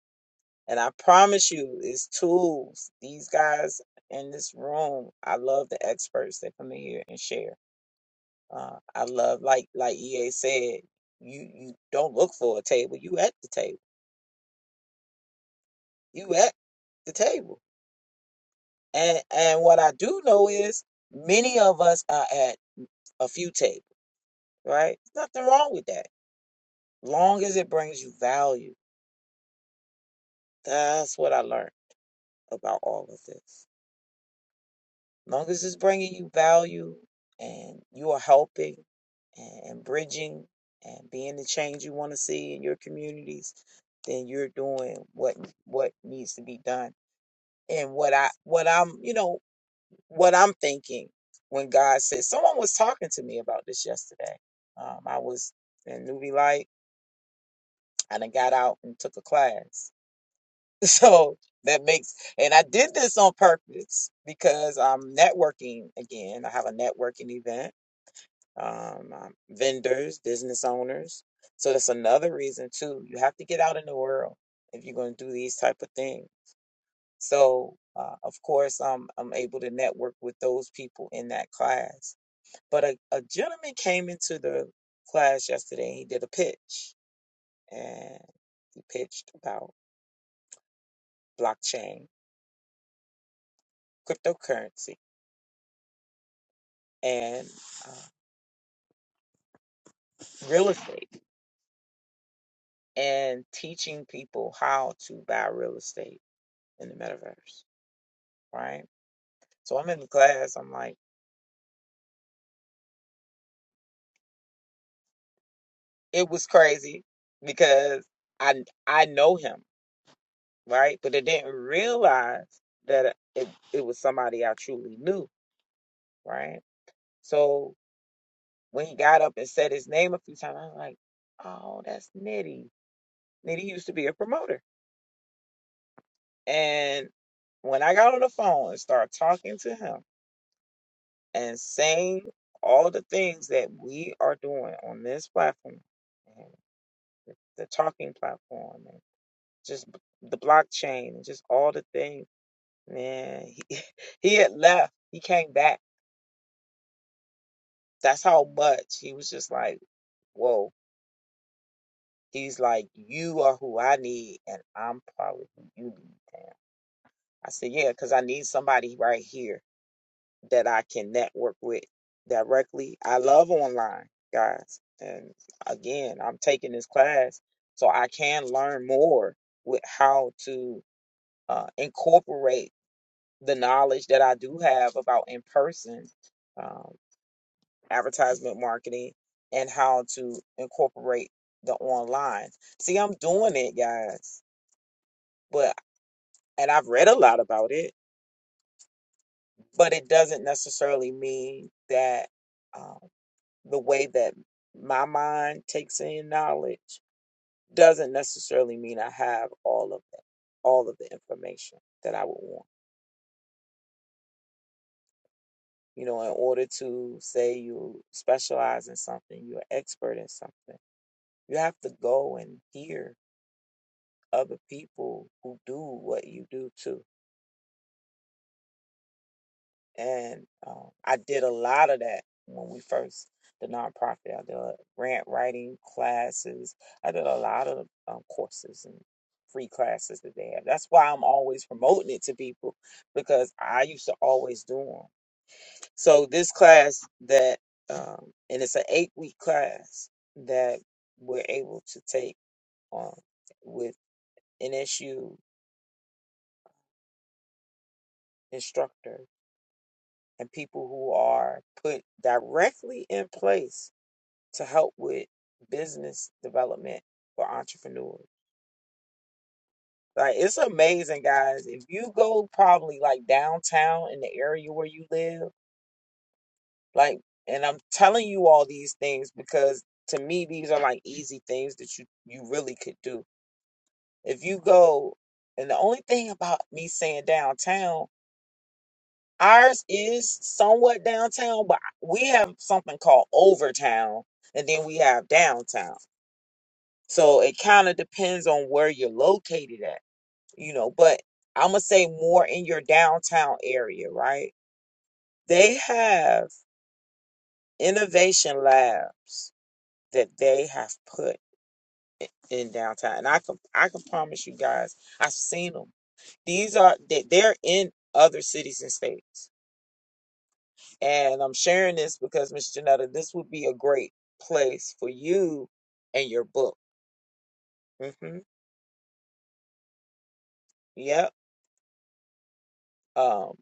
And I promise you, it's tools. These guys in this room, I love the experts that come in here and share. Uh, I love like like EA said, you you don't look for a table, you at the table. You at the table. And and what I do know is many of us are at a few tables, right? Nothing wrong with that. Long as it brings you value. That's what I learned about all of this. long as it's bringing you value and you are helping and bridging and being the change you want to see in your communities, then you're doing what what needs to be done. And what I what I'm you know what I'm thinking when God says someone was talking to me about this yesterday. Um, I was in newbie light and I done got out and took a class. So that makes and I did this on purpose because I'm networking again. I have a networking event um, um, vendors, business owners. So that's another reason too. You have to get out in the world if you're going to do these type of things. So uh, of course, I'm I'm able to network with those people in that class. But a, a gentleman came into the class yesterday. and He did a pitch, and he pitched about blockchain, cryptocurrency, and uh, real estate, and teaching people how to buy real estate in the metaverse. Right So I'm in the class. I'm like, it was crazy because I I know him, right? But I didn't realize that it, it was somebody I truly knew, right? So when he got up and said his name a few times, I was like, oh, that's Nitty. Nitty used to be a promoter. And when I got on the phone and started talking to him and saying all the things that we are doing on this platform, and the talking platform and. just the blockchain and just all the things. Man, he, he had left. He came back. That's how much he was just like, whoa. He's like, you are who I need, and I'm probably who you need. I said, yeah, because I need somebody right here that I can network with directly. I love online, guys. And again, I'm taking this class so I can learn more with how to uh, incorporate the knowledge that I do have about in person um, advertisement marketing and how to incorporate the online. See, I'm doing it, guys, but and I've read a lot about it, but it doesn't necessarily mean that um, the way that my mind takes in knowledge doesn't necessarily mean I have all of that, all of the information that I would want. you know, in order to say you specialize in something, you're an expert in something, you have to go and hear other people who do what you do too. And um, I did a lot of that when we first, the nonprofit, I did grant writing classes, I did a lot of um, courses and free classes that they have. That's why I'm always promoting it to people because I used to always do them. So this class that, um, and it's an eight week class that we're able to take on with NSU instructor and people who are put directly in place to help with business development for entrepreneurs. Like it's amazing, guys. If you go probably like downtown in the area where you live, like, and I'm telling you all these things because to me these are like easy things that you you really could do If you go, and the only thing about me saying downtown, ours is somewhat downtown, but we have something called overtown, and then we have downtown. So it kind of depends on where you're located at, you know. But I'm gonna say more in your downtown area, right? They have innovation labs that they have put in downtown, and I can I can promise you guys, I've seen them These are they- they're in other cities and states. And I'm sharing this because Miss Janetta, this would be a great place for you and your book. hmm Yep. Um,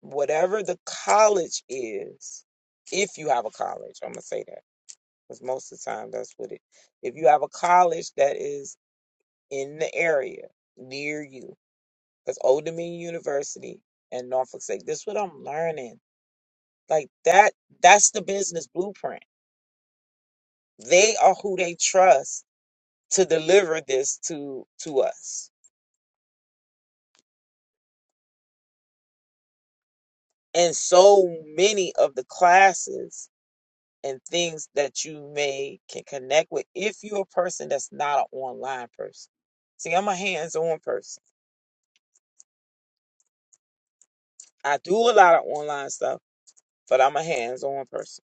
whatever the college is, if you have a college, I'm gonna say that because most of the time that's what it. If you have a college that is in the area near you, because Old Dominion University and Norfolk State, this is what I'm learning. Like that, that's the business blueprint They are who they trust to deliver this to to us. And so many of the classes and things that you may can connect with if you're a person that's not an online person. See, I'm a hands-on person. I do a lot of online stuff, but I'm a hands-on person.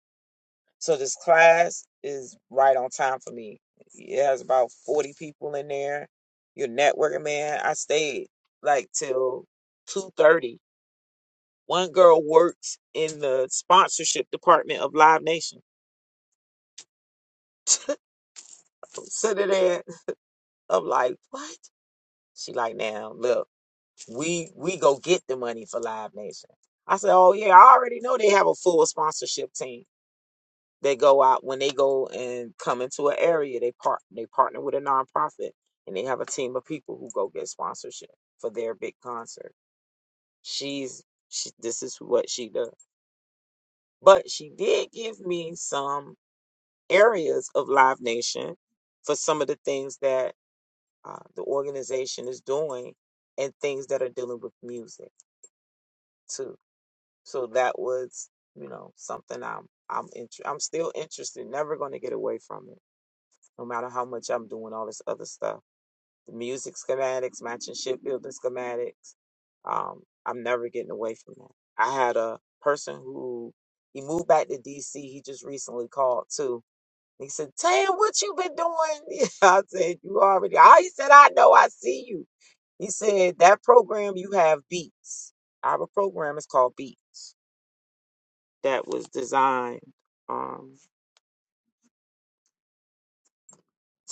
So this class is right on time for me. It has about 40 people in there. Your networking man. I stayed like till 2:30 One girl works in the sponsorship department of Live Nation. sitting there. I'm like, what? She like, now look, we we go get the money for Live Nation. I said, oh yeah, I already know they have a full sponsorship team. They go out when they go and come into an area. They part they partner with a nonprofit and they have a team of people who go get sponsorship for their big concert. She's she, this is what she does. But she did give me some. areas of Live Nation for some of the things that uh, the organization is doing and things that are dealing with music too. So that was, you know, something I'm I'm inter- I'm still interested. Never going to get away from it, no matter how much I'm doing all this other stuff. The music schematics, matching ship building schematics. Um, I'm never getting away from that. I had a person who he moved back to DC. He just recently called too He said, Tam, what you been doing? I said, You already. I, he said, I know, I see you. He said, That program you have, Beats. Our program is called Beats. That was designed um,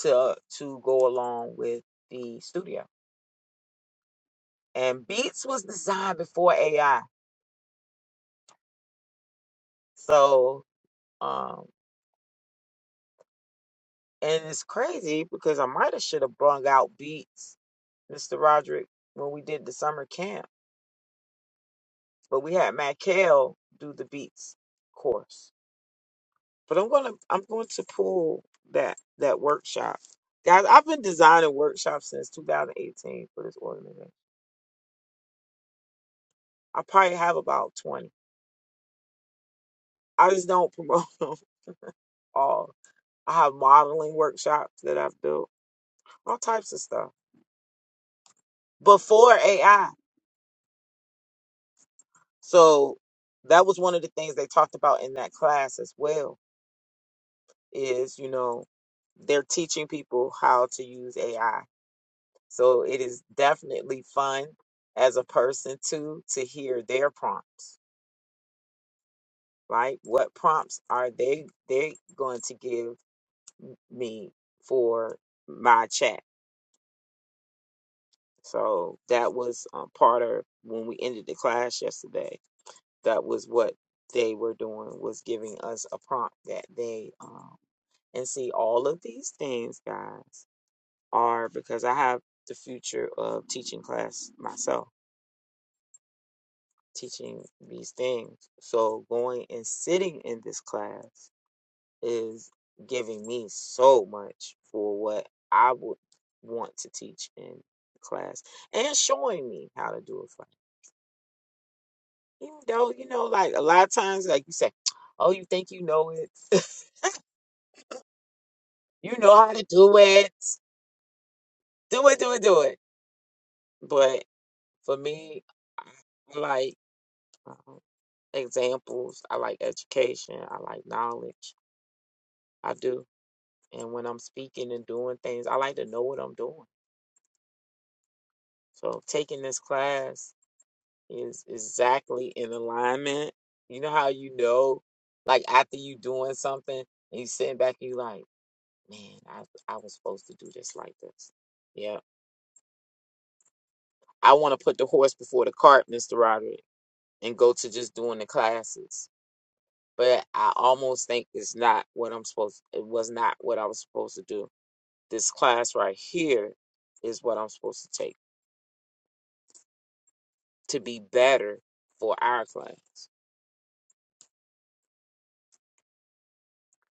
to to go along with the studio. And Beats was designed before AI. So, um, and it's crazy because I might have should have brung out Beats, Mr. Roderick, when we did the summer camp. But we had Matt Kale do the Beats course but I'm gonna I'm going to pull that that workshop. Guys, I've been designing workshops since 2018 for this organization. I probably have about 20. I just don't promote them all. I have modeling workshops that I've built, all types of stuff before AI. So that was one of the things they talked about in that class as well. Is you know they're teaching people how to use AI So it is definitely fun as a person too to hear their prompts, right? What prompts are they they going to give me for my chat? So that was um, part of when we ended the class yesterday. That was what they were doing was giving us a prompt that they um and see all of these things, guys, are because I have the future of teaching class myself teaching these things. So going and sitting in this class is giving me so much for what I would want to teach in class and showing me how to do it for me. Even though, you know, like a lot of times, like you say, oh, you think you know it, you know how to do it, do it, do it, do it. But for me, I like um, examples, I like education, I like knowledge. I do. And when I'm speaking and doing things, I like to know what I'm doing. So taking this class is exactly in alignment. You know how you know, like after you doing something and you sitting back, and you like, man, I I was supposed to do this like this. Yeah, I want to put the horse before the cart, Mister Roderick, and go to just doing the classes. But I almost think it's not what I'm supposed. It was not what I was supposed to do. This class right here is what I'm supposed to take to be better for our class.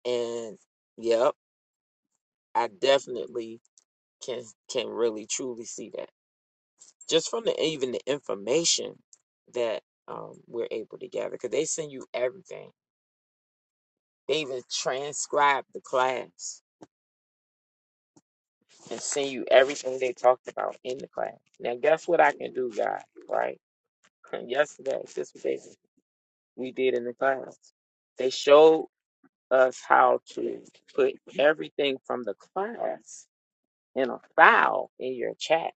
And yep, I definitely can can really truly see that just from the even the information that um, we're able to gather because they send you everything. They even transcribe the class and send you everything they talked about in the class. Now, guess what I can do, guys? Right? Yesterday, this was they we did in the class. They showed us how to put everything from the class in a file in your chat,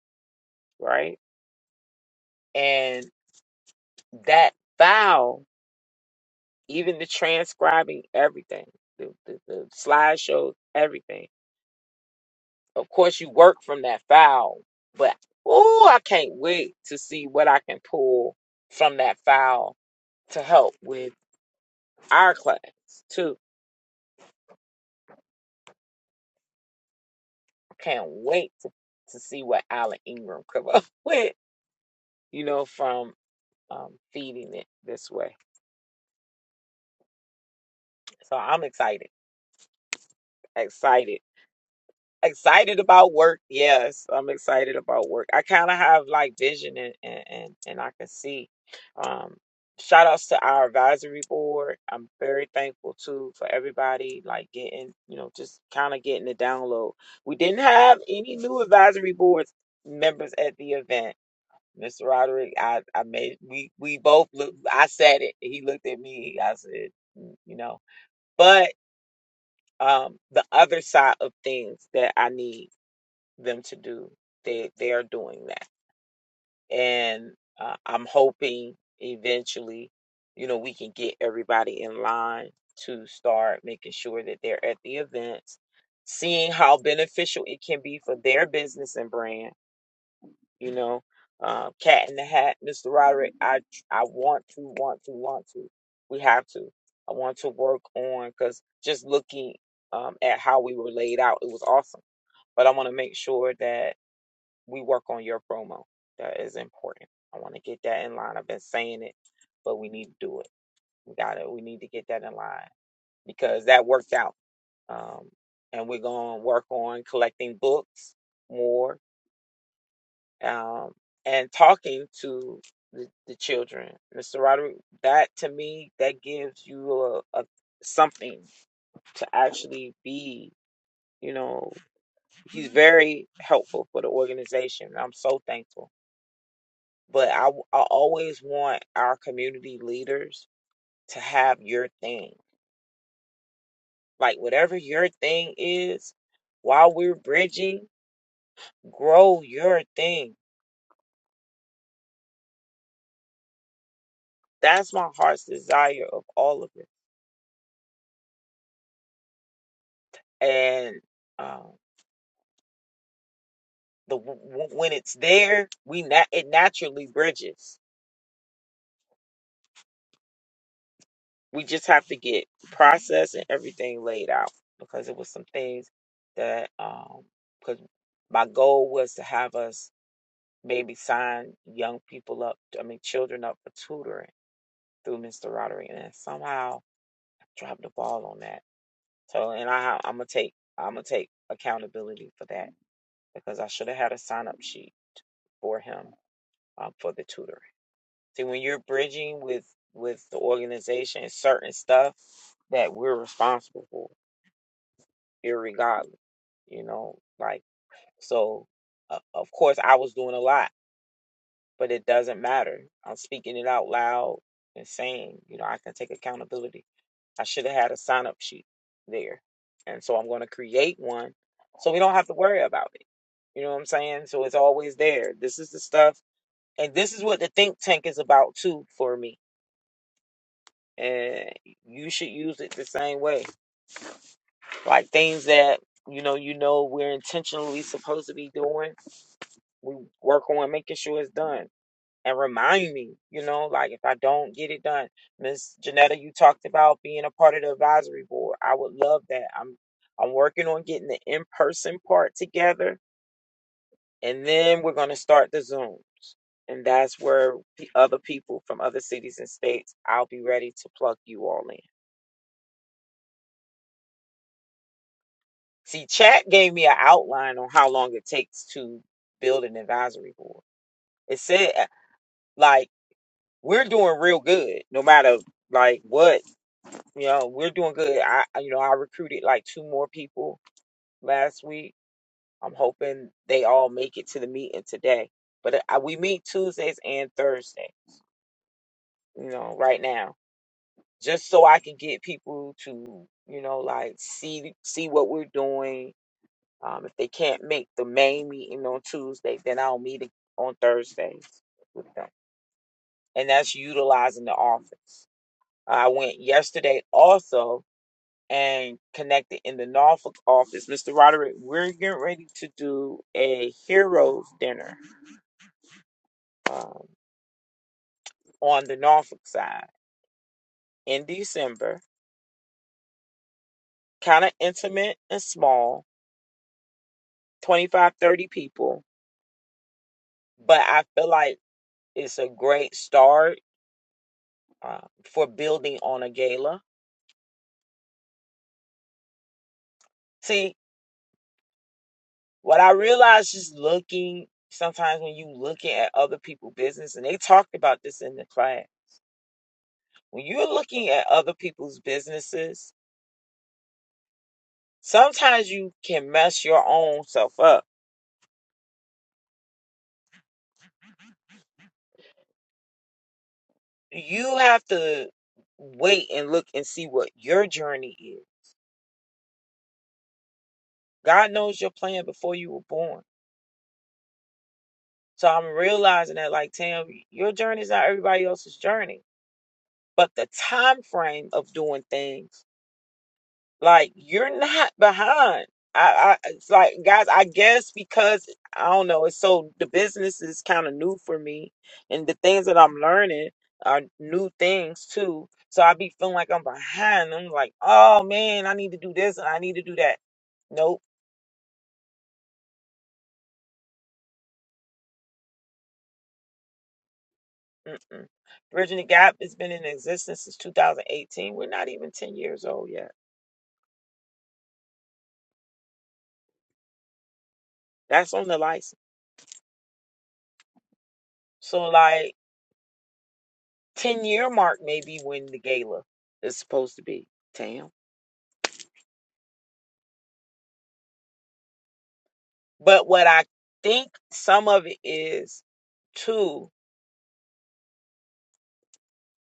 right? And that file, even the transcribing everything, the, the, the slideshows, everything. Of course, you work from that file, but oh, I can't wait to see what I can pull from that file to help with our class too. I Can't wait to, to see what Alan Ingram come up with, you know, from um, feeding it this way. So I'm excited, excited Excited about work. Yes, I'm excited about work. I kind of have like vision and, and, and, and I can see. Um, shout outs to our advisory board. I'm very thankful too for everybody like getting, you know, just kind of getting the download. We didn't have any new advisory boards members at the event. Mr. Roderick, I, I made we we both look I said it. He looked at me. I said, "Mm, you know. But um the other side of things that I need them to do. They they are doing that, and uh, I'm hoping eventually, you know, we can get everybody in line to start making sure that they're at the events, seeing how beneficial it can be for their business and brand. You know, uh, Cat in the Hat, Mr. Roderick. I I want to, want to, want to. We have to. I want to work on because just looking um, at how we were laid out, it was awesome. But I want to make sure that we work on your promo. That is important. I want to get that in line. I've been saying it, but we need to do it. We got it. We need to get that in line because that worked out. Um, and we're going to work on collecting books more um, and talking to the, the children. Mr. Roderick, that to me, that gives you a, a something to actually be. You know, he's very helpful for the organization. I'm so thankful But I I always want our community leaders to have your thing. Like whatever your thing is, while we're bridging, grow your thing. That's my heart's desire of all of it. And um, the w- when it's there, we nat- it naturally bridges. We just have to get process and everything laid out because it was some things that um, 'cause my goal was to have us maybe sign young people up, I mean, children up for tutoring through Mr. Roderick. And somehow I dropped the ball on that. So, and I, I'm gonna take, I'm gonna take accountability for that because I should have had a sign up sheet for him um, for the tutoring. See, when you're bridging with with the organization, certain stuff that we're responsible for, irregardless, you know, like so. Uh, of course, I was doing a lot but it doesn't matter. I'm speaking it out loud and saying, you know, I can take accountability. I should have had a sign up sheet there. And so I'm going to create one so we don't have to worry about it. You know what I'm saying? So it's always there. This is the stuff. And this is what the think tank is about too for me. And you should use it the same way. Like things that, you know, you know we're intentionally supposed to be doing. We work on making sure it's done and remind me, you know, like if I don't get it done. Miss Janetta, you talked about being a part of the advisory board. I would love that. I'm I'm working on getting the in-person part together and then we're going to start the Zoom. And that's where the other people from other cities and states, I'll be ready to plug you all in. See, chat gave me an outline on how long it takes to build an advisory board. It said like we're doing real good no matter like what You know, we're doing good. I, I- you know, I recruited like two more people last week. I'm hoping they all make it to the meeting today. But uh, I, we meet Tuesdays and Thursday, you know, right now, just so I can get people to, you know, like see see what we're doing. Um, if they can't make the main meeting on Tuesday, then I'll meet it on Thursdays with them, and that's utilizing the office. I went yesterday also and connected in the Norfolk office. Mr. Roderick, we're getting ready to do a heroes dinner um, on the Norfolk side in December. Kind of intimate and small, 25, 30 people, but I feel like it's a great start uh, for building on a gala. See, what I realized just looking sometimes when you looking at other people's business, and they talked about this in the class, when you're looking at other people's businesses, sometimes you can mess your own self up. You have to wait and look and see what your journey is. God knows your plan before you were born. So I'm realizing that like Tam, your journey is not everybody else's journey. But the time frame of doing things Like you're not behind. I, I it's like guys, I guess because I don't know, it's so the business is kind of new for me and the things that I'm learning are new things too. So I be feeling like I'm behind. I'm like, oh man, I need to do this and I need to do that. Nope. Mm-mm. Bridging the Gap has been in existence since 2018. We're not even 10 years old yet. That's on the license. So like 10 year mark maybe when the gala is supposed to be. Damn. But what I think some of it is too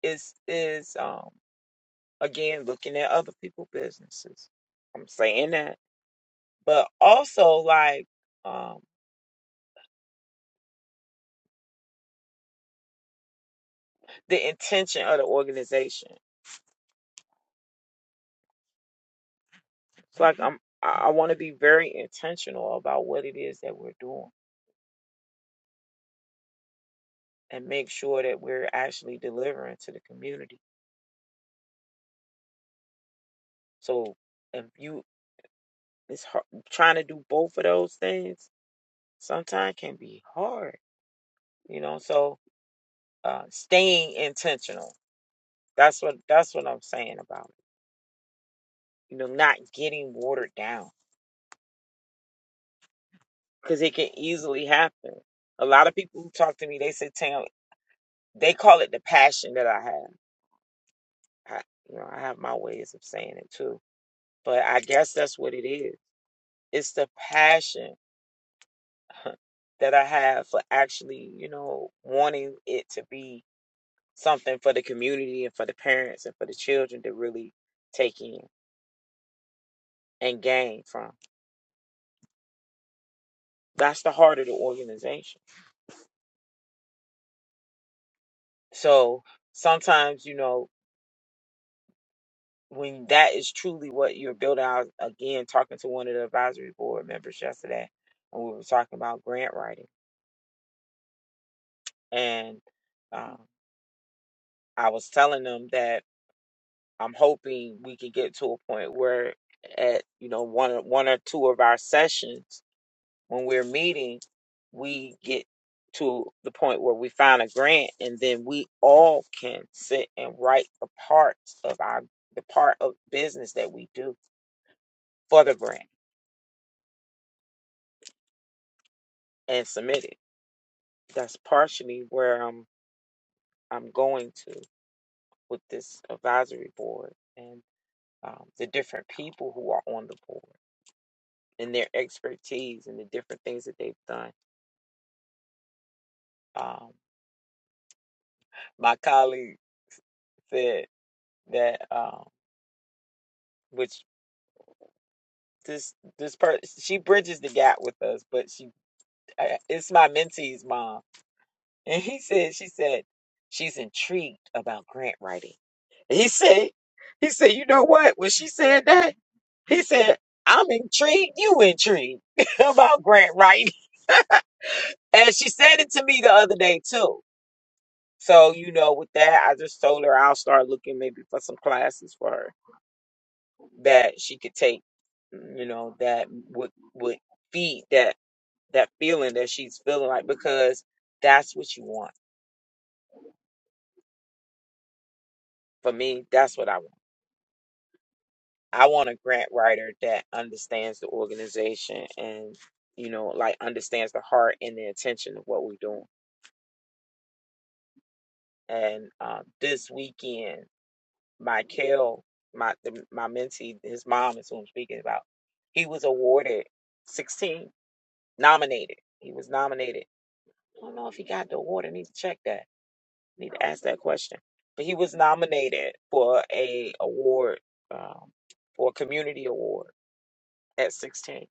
is is um again looking at other people' businesses. I'm saying that. But also like um the intention of the organization. It's like I'm I want to be very intentional about what it is that we're doing and make sure that we're actually delivering to the community. So if you it's hard, trying to do both of those things sometimes can be hard, you know. So uh, staying intentional. That's what that's what I'm saying about it. You know, not getting watered down because it can easily happen. A lot of people who talk to me, they say, "Tam," they call it the passion that I have. I, you know, I have my ways of saying it too, but I guess that's what it is. It's the passion that I have for actually, you know, wanting it to be something for the community and for the parents and for the children to really take in and gain from. That's the heart of the organization. So sometimes, you know, when that is truly what you're building out, again, talking to one of the advisory board members yesterday, and we were talking about grant writing. And um, I was telling them that I'm hoping we can get to a point where at, you know, one, one or two of our sessions, when we're meeting, we get to the point where we find a grant and then we all can sit and write the parts of our the part of business that we do for the grant and submit it. That's partially where I'm I'm going to with this advisory board and um, the different people who are on the board and their expertise and the different things that they've done. Um, my colleague said that um, which this this person she bridges the gap with us but she I, it's my mentee's mom and he said she said she's intrigued about grant writing and he said he said you know what when she said that he said i'm intrigued you intrigued about grant writing and she said it to me the other day too so you know with that i just told her i'll start looking maybe for some classes for her that she could take you know that would would feed that that feeling that she's feeling like because that's what you want. For me, that's what I want. I want a grant writer that understands the organization and you know like understands the heart and the intention of what we're doing. And um, this weekend, Michael, my the, my mentee, his mom is who I'm speaking about. He was awarded 16, nominated. He was nominated. I don't know if he got the award. I need to check that Need to ask that question. But he was nominated for a award, um, for a community award at 16,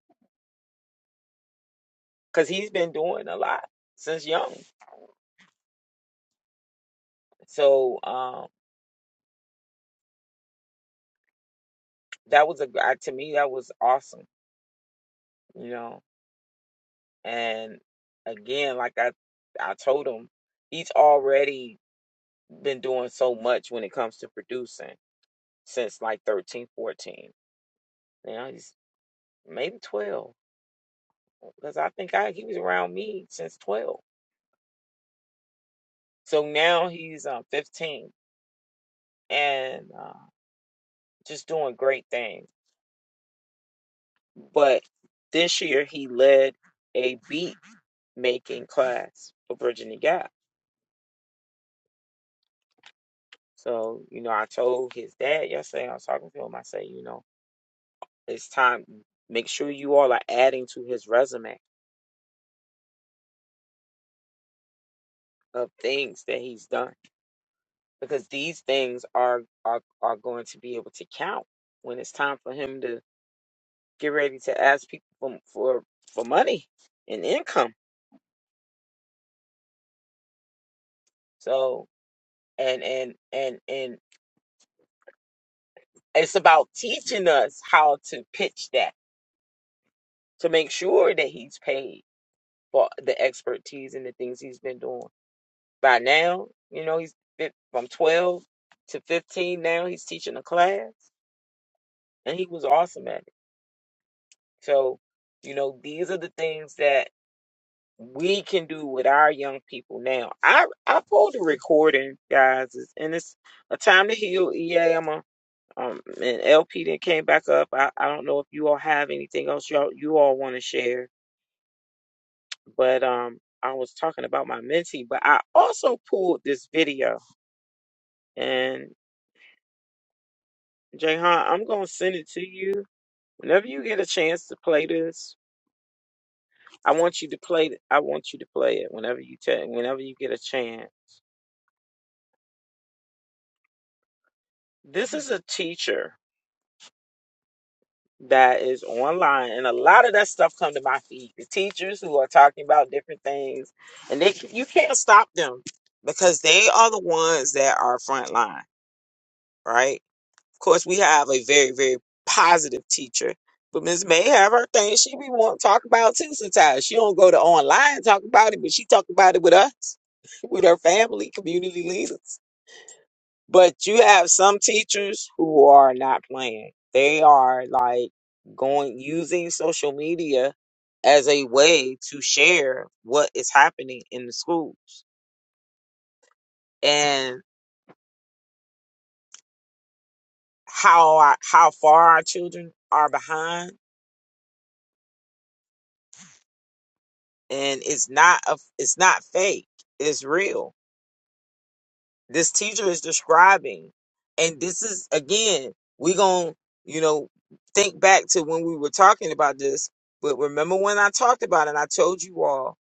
because he's been doing a lot since young. So um, that was a gr- I- to me that was awesome, you know. And again, like I I told him, he's already been doing so much when it comes to producing since like 13, 14. Now he's maybe 12 because I think I he was around me since 12 So now he's um, 15 and uh, just doing great things. But this year he led a beat making class for Virginia Gap. So, you know, I told his dad yesterday, I was talking to him, I say, you know, it's time, make sure you all are adding to his resume of things that he's done because these things are, are, are going to be able to count when it's time for him to get ready to ask people for, for, for money and income. So and and and and it's about teaching us how to pitch that to make sure that he's paid for the expertise and the things he's been doing. By now, you know he's been from twelve to fifteen. Now he's teaching a class, and he was awesome at it. So, you know, these are the things that we can do with our young people now. I I pulled a recording, guys, it's- and it's a time to heal. EA, Um, and LP that came back up. I, I don't know if you all have anything else y'all you all want to share, but um, I was talking about my mentee, but I also pulled this video, and Jayhan, I'm gonna send it to you whenever you get a chance to play this. I want you to play. I want you to play it whenever you take whenever you get a chance. This is a teacher that is online and a lot of that stuff come to my feed the teachers who are talking about different things and they you can't stop them because they are the ones that are frontline right of course we have a very very positive teacher but Miss May have her thing she be want to talk about too sometimes she don't go to online and talk about it but she talk about it with us with her family community leaders but you have some teachers who are not playing. They are like going using social media as a way to share what is happening in the schools and how our, how far our children are behind and it's not a, it's not fake. It's real this teacher is describing and this is again we going to you know think back to when we were talking about this but remember when i talked about it and i told you all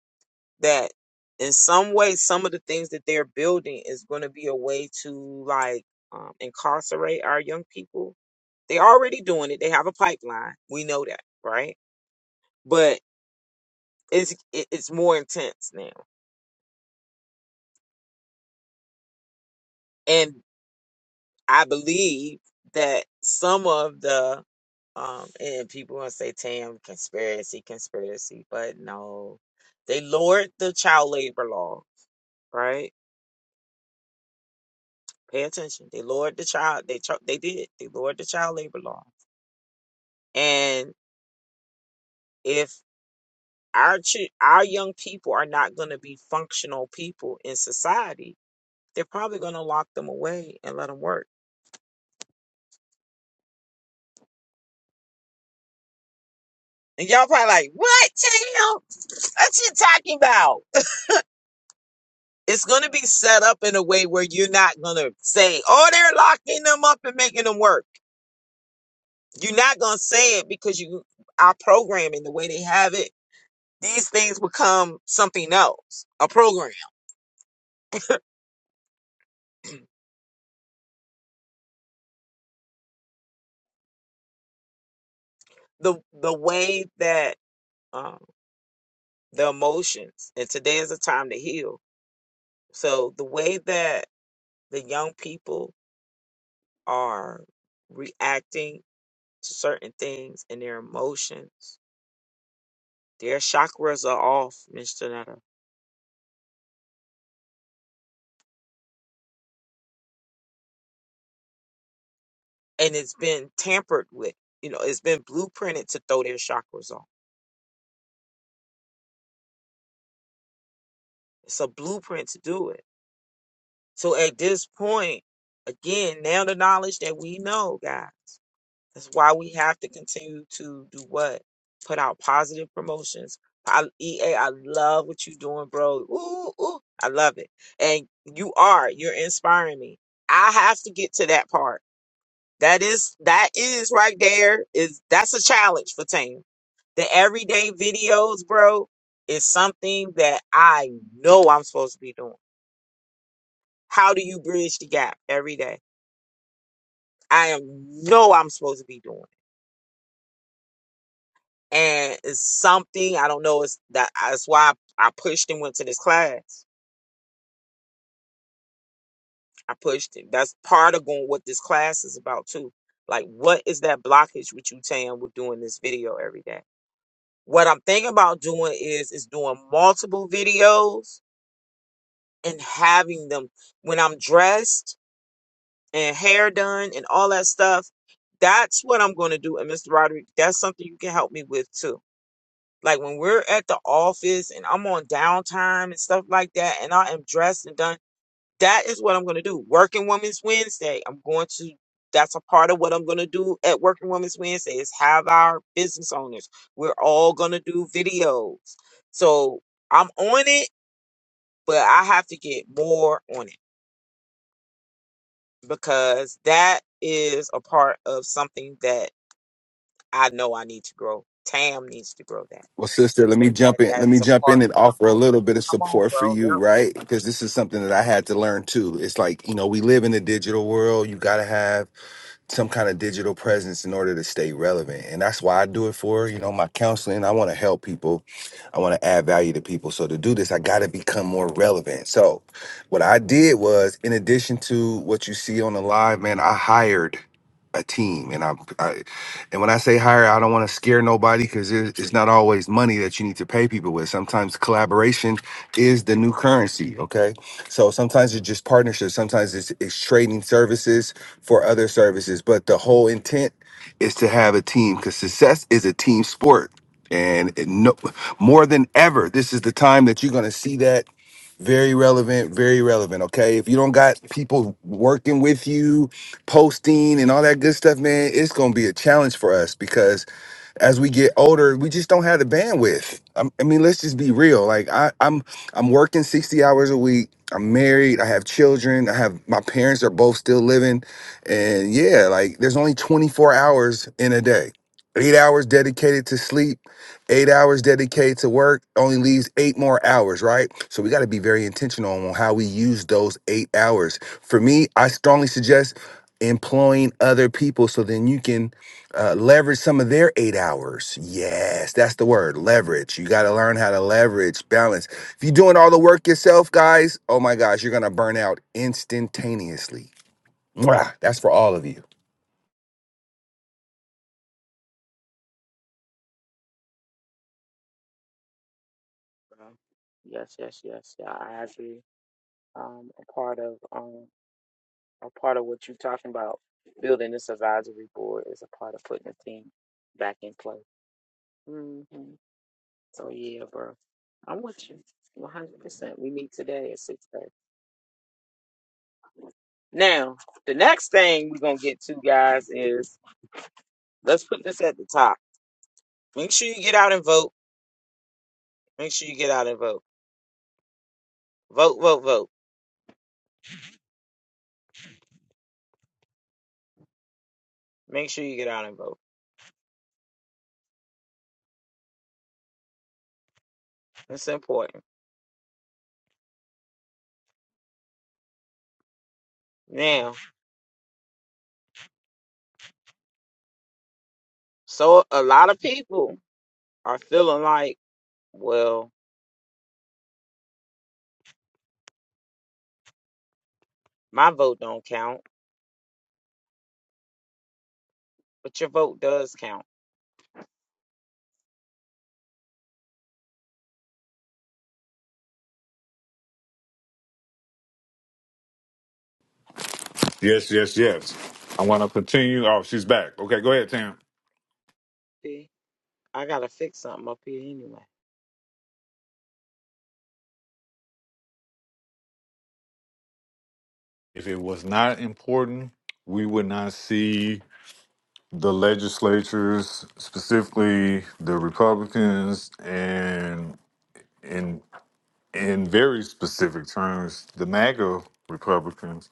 that in some way some of the things that they're building is going to be a way to like um, incarcerate our young people they are already doing it they have a pipeline we know that right but it's it- it's more intense now and. I believe that some of the um and people gonna say Tam conspiracy, conspiracy, but no. They lowered the child labor law, right? Pay attention. They lowered the child they tr- they did. They lowered the child labor law. And if our ch- our young people are not going to be functional people in society, they're probably going to lock them away and let them work. And y'all probably like, "What, Tam? What you talking about?" it's going to be set up in a way where you're not going to say, oh, they're locking them up and making them work. You're not going to say it because you our programming the way they have it. These things become something else, a program. The the way that um, the emotions and today is a time to heal. So the way that the young people are reacting to certain things and their emotions, their chakras are off, Mr. Nutter and it's been tampered with. You know, it's been blueprinted to throw their chakras off. It's a blueprint to do it. So at this point, again, now the knowledge that we know, God, that's why we have to continue to do what? Put out positive promotions. I, EA, I love what you're doing, bro. Ooh, ooh, I love it. And you are, you're inspiring me. I have to get to that part. That is, that is right there. Is that's a challenge for Tam The everyday videos, bro, is something that I know I'm supposed to be doing. How do you bridge the gap every day? I am know I'm supposed to be doing. it. And it's something I don't know. It's that that's why I, I pushed and went to this class. I pushed it. That's part of going what this class is about too. Like what is that blockage with you, Tam, with doing this video every day? What I'm thinking about doing is is doing multiple videos and having them when I'm dressed and hair done and all that stuff. That's what I'm going to do. And Mr. Roderick, that's something you can help me with too. Like when we're at the office and I'm on downtime and stuff like that, and I am dressed and done, that is what I'm going to do. Working Women's Wednesday, I'm going to, that's a part of what I'm going to do at Working Women's Wednesday is have our business owners. We're all going to do videos. So I'm on it, but I have to get more on it because that is a part of something that I know I need to grow. Tam needs to grow that. Well, sister, let me that jump in. Let me that's a jump part. in and offer a little bit of Come on, support for bro. you, right? Because this is something that I had to learn too. It's like you know, we live in a digital world. You gotta have some kind of digital presence in order to stay relevant. And that's why I do it for, you know, my counseling. I want to help people. I want to add value to people. So to do this, I got to become more relevant. So what I did was in addition to what you see on the live, man, I hired a team and I, I and when I say hire, I don't want to scare nobody cuz it's not always money that you need to pay people with. Sometimes collaboration is the new currency, okay? So sometimes it's just partnerships, sometimes it's, it's trading services, for other services. But the whole intent is to have a team because success is a team sport. And it no, more than ever, this is the time that you're going to see that very relevant, very relevant. Okay. If you don't got people working with you, posting and all that good stuff, man, it's going to be a challenge for us because as we get older, we just don't have the bandwidth. i I mean, let's just be real. Like I, I'm, I'm working sixty hours a week. I'm married. I have children. I have my parents are both still living, and yeah, like there's only 24 hours in a day. Eight hours dedicated to sleep, eight hours dedicated to work only leaves eight more hours, right? So we got to be very intentional on how we use those eight hours. For me, I strongly suggest employing other people so then you can uh, leverage some of their eight hours. Yes, that's the word leverage. You got to learn how to leverage, balance. If you're doing all the work yourself, guys, oh my gosh, you're going to burn out instantaneously. Mwah. That's for all of you. Yep. Bro. Yes, yes, yes. Yeah, I agree. Um, a part of um, a part of what you're talking about, building this advisory board is a part of putting the team back in play. hmm So yeah, bro. I'm with you. 100%. We meet today at 6:30. Now, the next thing we're gonna get to, guys, is let's put this at the top. Make sure you get out and vote. Make sure you get out and vote. Vote, vote, vote. Make sure you get out and vote. It's important. Now, so a lot of people are feeling like, well, my vote don't count, but your vote does count. Yes, yes, yes. I want to continue. Oh, she's back. Okay, go ahead, Tam. See, I gotta fix something up here anyway. If it was not important, we would not see the legislatures, specifically the Republicans, and in in very specific terms, the MAGA Republicans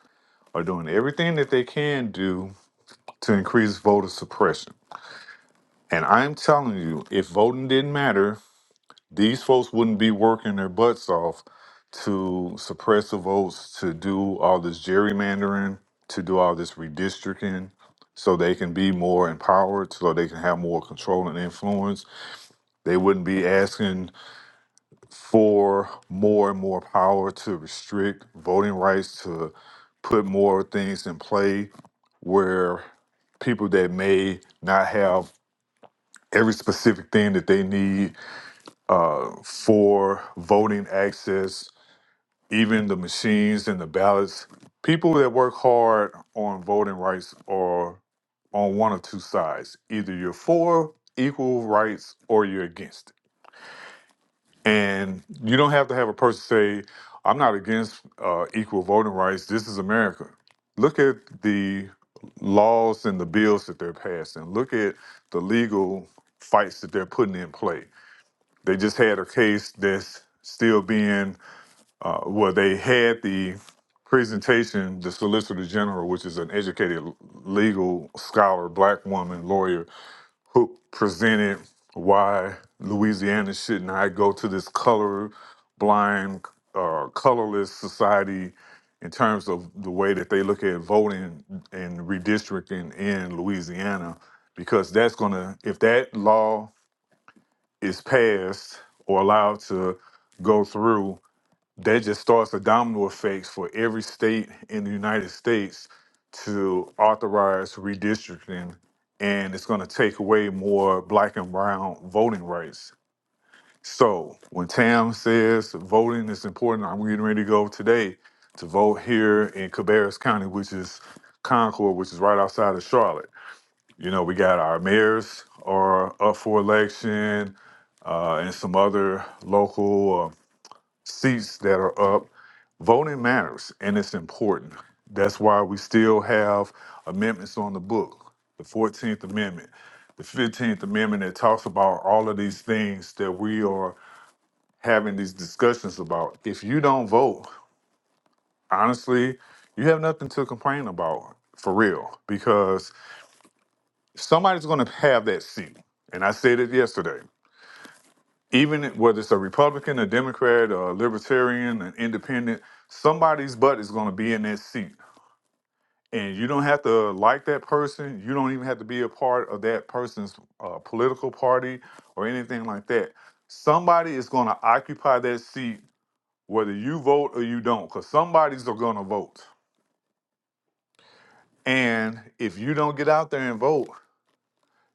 are doing everything that they can do to increase voter suppression And I'm telling you, if voting didn't matter, these folks wouldn't be working their butts off to suppress the votes, to do all this gerrymandering, to do all this redistricting so they can be more empowered, so they can have more control and influence. They wouldn't be asking for more and more power to restrict voting rights, to put more things in play where people that may not have every specific thing that they need uh, for voting access, even the machines and the ballots. People that work hard on voting rights are on one or two sides. Either you're for equal rights or you're against it. And you don't have to have a person say, I'm not against uh, equal voting rights. This is America. Look at the laws and the bills that they're passing. Look at the legal fights that they're putting in play they just had a case that's still being, uh, well, they had the presentation, the Solicitor General, which is an educated legal scholar, black woman, lawyer, who presented why Louisiana should not go to this color blind, uh, colorless society in terms of the way that they look at voting and redistricting in Louisiana, because that's going to, if that law is passed or allowed to go through, that just starts a domino effect for every state in the United States to authorize redistricting, and it's going to take away more black and brown voting rights. So when Tam says voting is important, I'm getting ready to go today to vote here in Cabarrus County, which is Concord, which is right outside of Charlotte. You know, we got our mayors are up for election uh, and some other local uh, seats that are up. Voting matters and it's important. That's why we still have amendments on the book the 14th Amendment, the 15th Amendment that talks about all of these things that we are having these discussions about. If you don't vote, honestly, you have nothing to complain about for real because somebody's going to have that seat. And I said it yesterday. Even whether it's a Republican, a Democrat, or a Libertarian, an Independent, somebody's butt is going to be in that seat. And you don't have to like that person. You don't even have to be a part of that person's uh, political party or anything like that. Somebody is going to occupy that seat, whether you vote or you don't, because somebody's going to vote. And if you don't get out there and vote,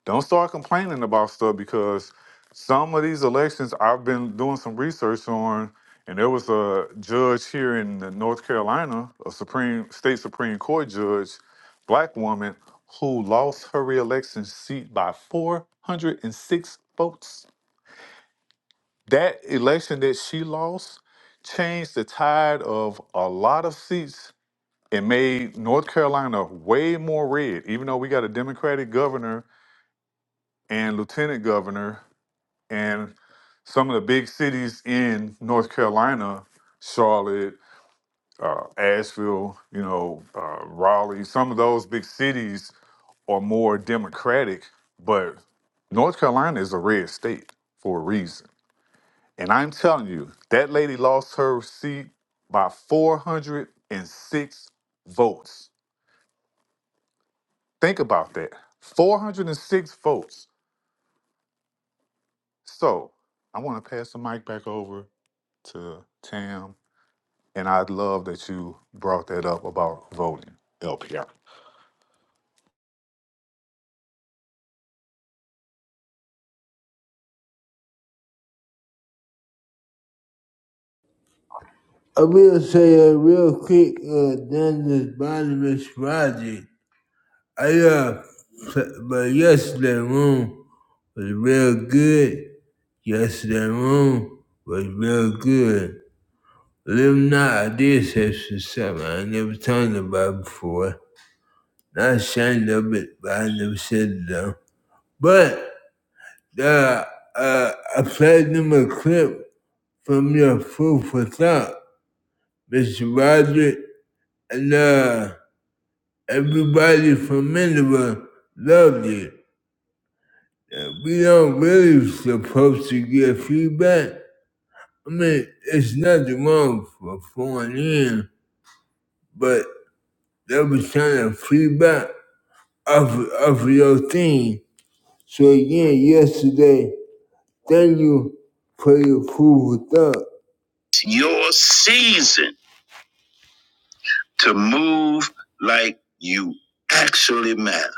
Don't start complaining about stuff because some of these elections I've been doing some research on, and there was a judge here in the North Carolina, a Supreme State Supreme Court judge, black woman, who lost her reelection seat by 406 votes. That election that she lost changed the tide of a lot of seats and made North Carolina way more red, even though we got a Democratic governor and lieutenant governor and some of the big cities in North Carolina, Charlotte, uh, Asheville, you know, uh, Raleigh, some of those big cities are more democratic, but North Carolina is a red state for a reason. And I'm telling you, that lady lost her seat by 406 votes. Think about that 406 votes. So I want to pass the mic back over to Tam And I love that you brought that up about voting LPR. I will say a real quick uh, down this bottom of Roger. I uh, but yesterday room was real good. Yesterday room was real good. But if not, I did say some stuff I never talked about before. Not ashamed of it, but I never said it though. But uh, uh, I played them a clip from your food for thought, Mr. Roger, and uh. Everybody from Minerva loved it. we don't really supposed to get feedback. I mean, it's nothing wrong for pouring in, but they was trying to feedback off, off of your thing. So again, yesterday, thank you for your food with thought. It's your season to move like you actually matter.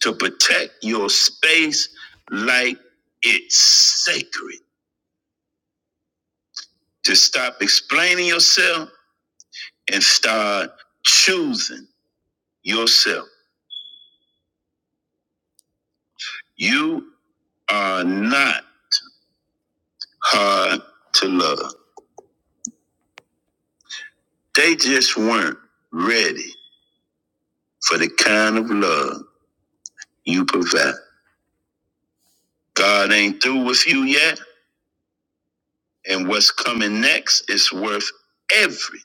to protect your space like it's sacred. To stop explaining yourself and start choosing yourself. You are not hard to love. They just weren't ready for the kind of love you provide. God ain't through with you yet, and what's coming next is worth every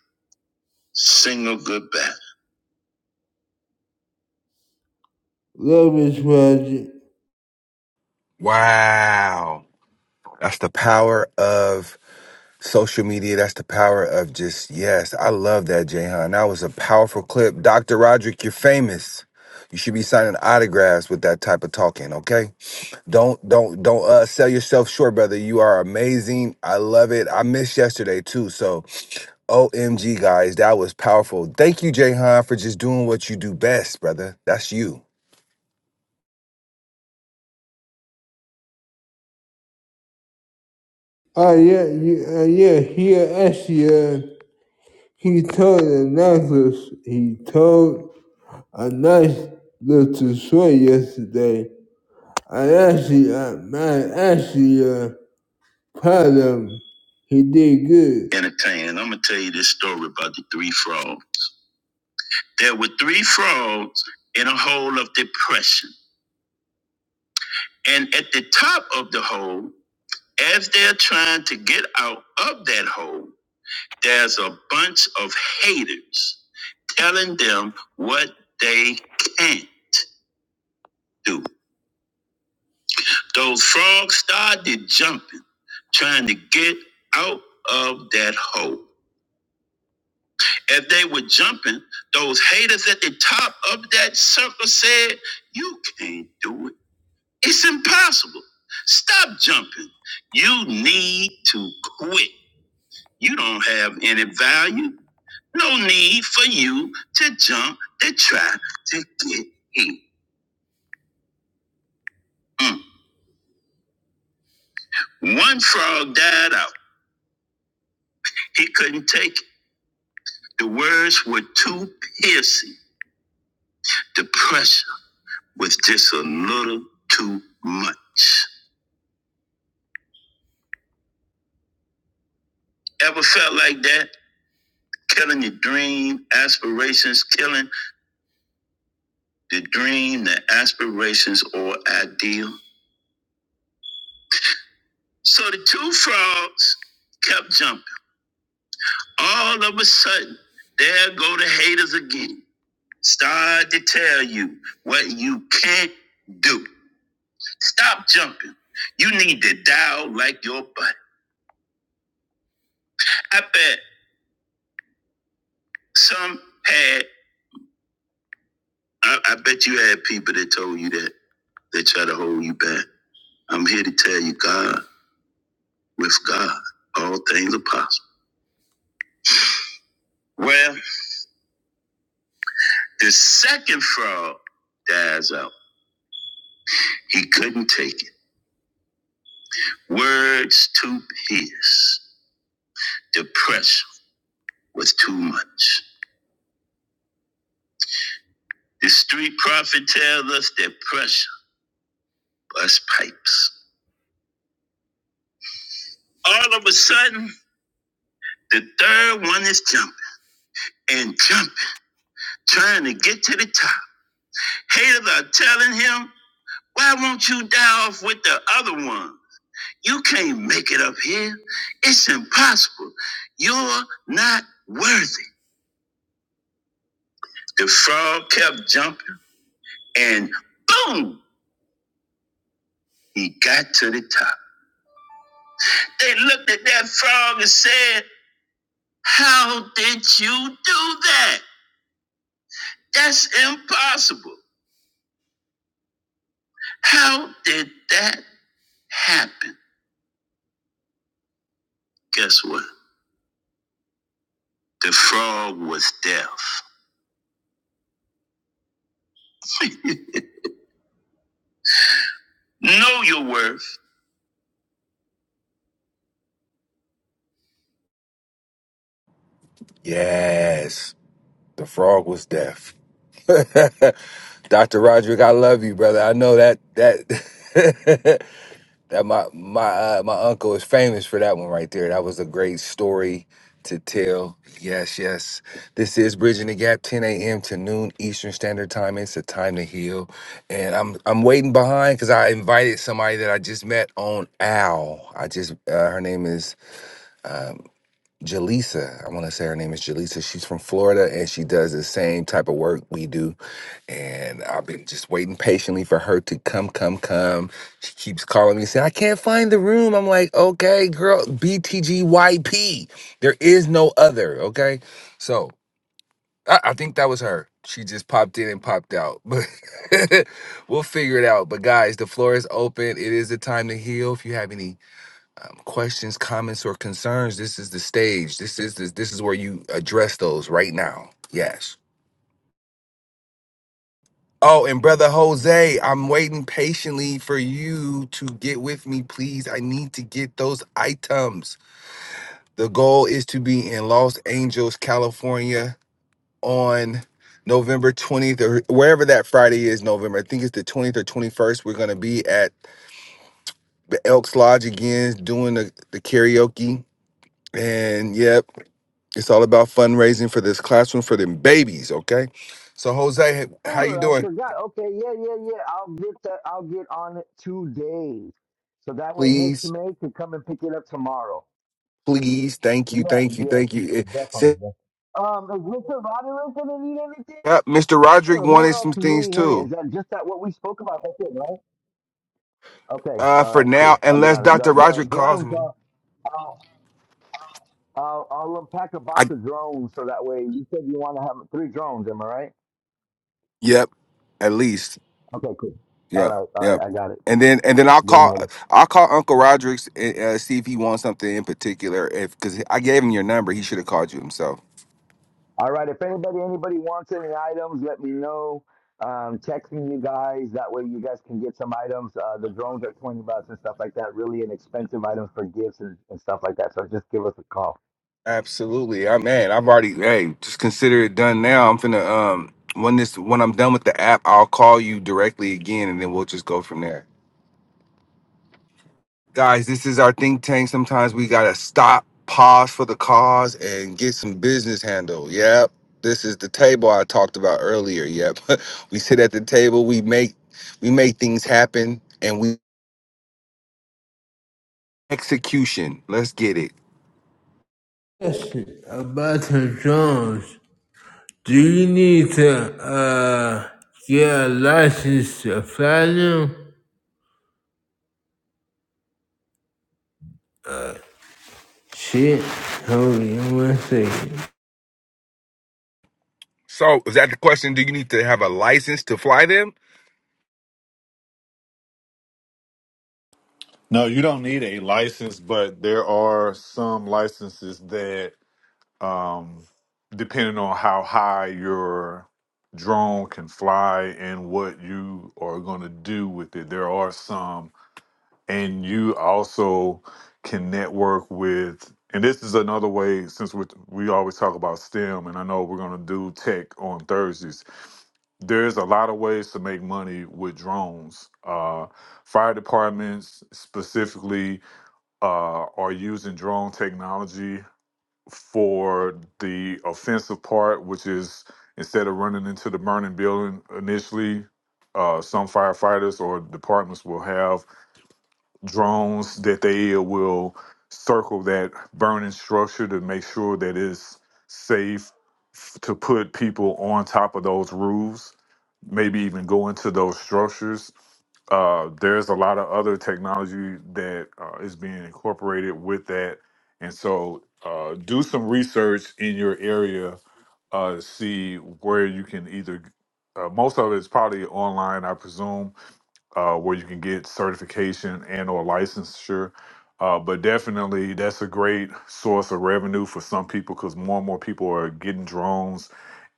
single goodbye. Love is magic. Wow. That's the power of social media. That's the power of just, yes, I love that, Jahan. That was a powerful clip. Dr. Roderick, you're famous. You should be signing autographs with that type of talking, okay? Don't don't don't uh sell yourself short, brother. You are amazing. I love it. I missed yesterday too. So OMG guys, that was powerful. Thank you, Jayhan, for just doing what you do best, brother. That's you. Ah yeah, you- uh, yeah, he actually, uh, he told Anonymous, he told Anonymous to story yesterday. I actually, uh, man, actually, uh, proud of him. He did good. Entertaining. I'm gonna tell you this story about the three frogs. There were three frogs in a hole of depression. And at the top of the hole, as they're trying to get out of that hole, There's a bunch of haters telling them what they can't do. Those frogs started jumping, trying to get out of that hole. As they were jumping, those haters at the top of that circle said, You can't do it. It's impossible. Stop jumping. You need to quit. You don't have any value. No need for you to jump to try to get in. Mm. One frog died out. He couldn't take it. The words were too piercing. The pressure was just a little too much. Ever felt like that? Killing your dream, aspirations, killing the dream, the aspirations, or ideal. So the two frogs kept jumping. all of a sudden, there go the haters again. Start to tell you what you can't do. Stop jumping. You need to dial like your butt. I bet some had, I, I bet you had people that told you that. They try to hold you back. I'm here to tell you, God, with God, all things are possible. Well, the second fraud dies out. He couldn't take it. Words to pierce. Depression was too much. The street prophet tells us that pressure busts pipes. All of a sudden, the third one is jumping and jumping, trying to get to the top. Haters are telling him, why won't you die off with the other one? You can't make it up here. It's impossible. You're not worthy. The frog kept jumping and boom, he got to the top. They looked at that frog and said, How did you do that? That's impossible. How did that happen? Guess what? The frog was deaf. know your worth. Yes. The frog was deaf. Dr. Roderick, I love you, brother. I know that that That my my uh, my uncle is famous for that one right there. That was a great story to tell. Yes, yes. This is Bridging the Gap, 10 a.m. to noon Eastern Standard Time. It's a time to heal, and I'm I'm waiting behind because I invited somebody that I just met on Owl. I just uh, her name is Jaleesa. I want to say her name is Jaleesa. She's from Florida, and she does the same type of work we do and I've been just waiting patiently for her to come, come, come. She keeps calling me saying, I can't find the room. I'm like, okay, girl, BTGYP. There is no other, okay? So I, I think that was her. She just popped in and popped out. But we'll figure it out. But guys, the floor is open. It is the time to heal. If you have any um, questions, comments, or concerns, this is the stage. This is this, this is where you address those right now. Yes. Oh, and brother Jose, I'm waiting patiently for you to get with me, please. I need to get those items. The goal is to be in Los Angeles, California on November 20th or wherever that Friday is, November. I think it's the 20th or 21st. We're going to be at the Elks Lodge again doing the, the karaoke. And yep, it's all about fundraising for this classroom for them babies, okay? So Jose, how you remember, I doing? forgot. Okay, yeah, yeah, yeah. I'll get that. I'll get on it today. So that way, Miss Please May can come and pick it up tomorrow. please. Thank Yes, you, thank you, yes, thank you. It- definitely. say- yes. Um, is Mr. Roderick gonna need anything, yeah, Mr. Roderick or who wanted else some is things needing any? Is too. that just that what we spoke about? That's it, right? Okay. Uh, All for right. now, Cool. I'll get unless on it. The Dr. the Roderick calls drones. me. Uh, I'll, I'll I'll unpack a I box of drones so that way you said you want to have three drones. Am I right? yep, at least Okay. Cool. All yep, right. All yep. right. I got it. And then and then I'll Get 'em call ready. I'll call Uncle Roderick and uh, see if he wants something in particular. If because I gave him your number, he should have called you himself. All right. If anybody anybody wants any items, let me know. Um, texting you guys. That way you guys can get some items. Uh, the drones are twenty bucks and stuff like that. Really inexpensive items for gifts and, and stuff like that. So just give us a call. Absolutely, I man. I've already hey, just consider it done now. I'm finna um when this when I'm done with the app, I'll call you directly again, and then we'll just go from there. guys this is our think tank sometimes we gotta stop pause for the cause and get some business handle yep this is the table i talked about earlier yep we sit at the table we make we make things happen and we execution let's get it Question about the drones. Do you need to uh get a license to fly them? Shit. Hold on one second. So, is that the question? Do you need to have a license to fly them? No, you don't need a license, but there are some licenses that, um, depending on how high your drone can fly and what you are going to do with it, there are some and you also can network with and this is another way since we we always talk about STEM and I know we're going to do tech on Thursdays there's a lot of ways to make money with drones. Uh, fire departments specifically uh, are using drone technology for the offensive part, which is instead of running into the burning building initially, uh, some firefighters or departments will have drones that they will circle that burning structure to make sure that it's safe f- to put people on top of those roofs, maybe even go into those structures. Uh, there's a lot of other technology that uh, is being incorporated with that. And so uh, do some research in your area uh, to see where you can either, uh, most of it's probably online, I presume, uh, where you can get certification and or licensure. Uh, but definitely, that's a great source of revenue for some people because more and more people are getting drones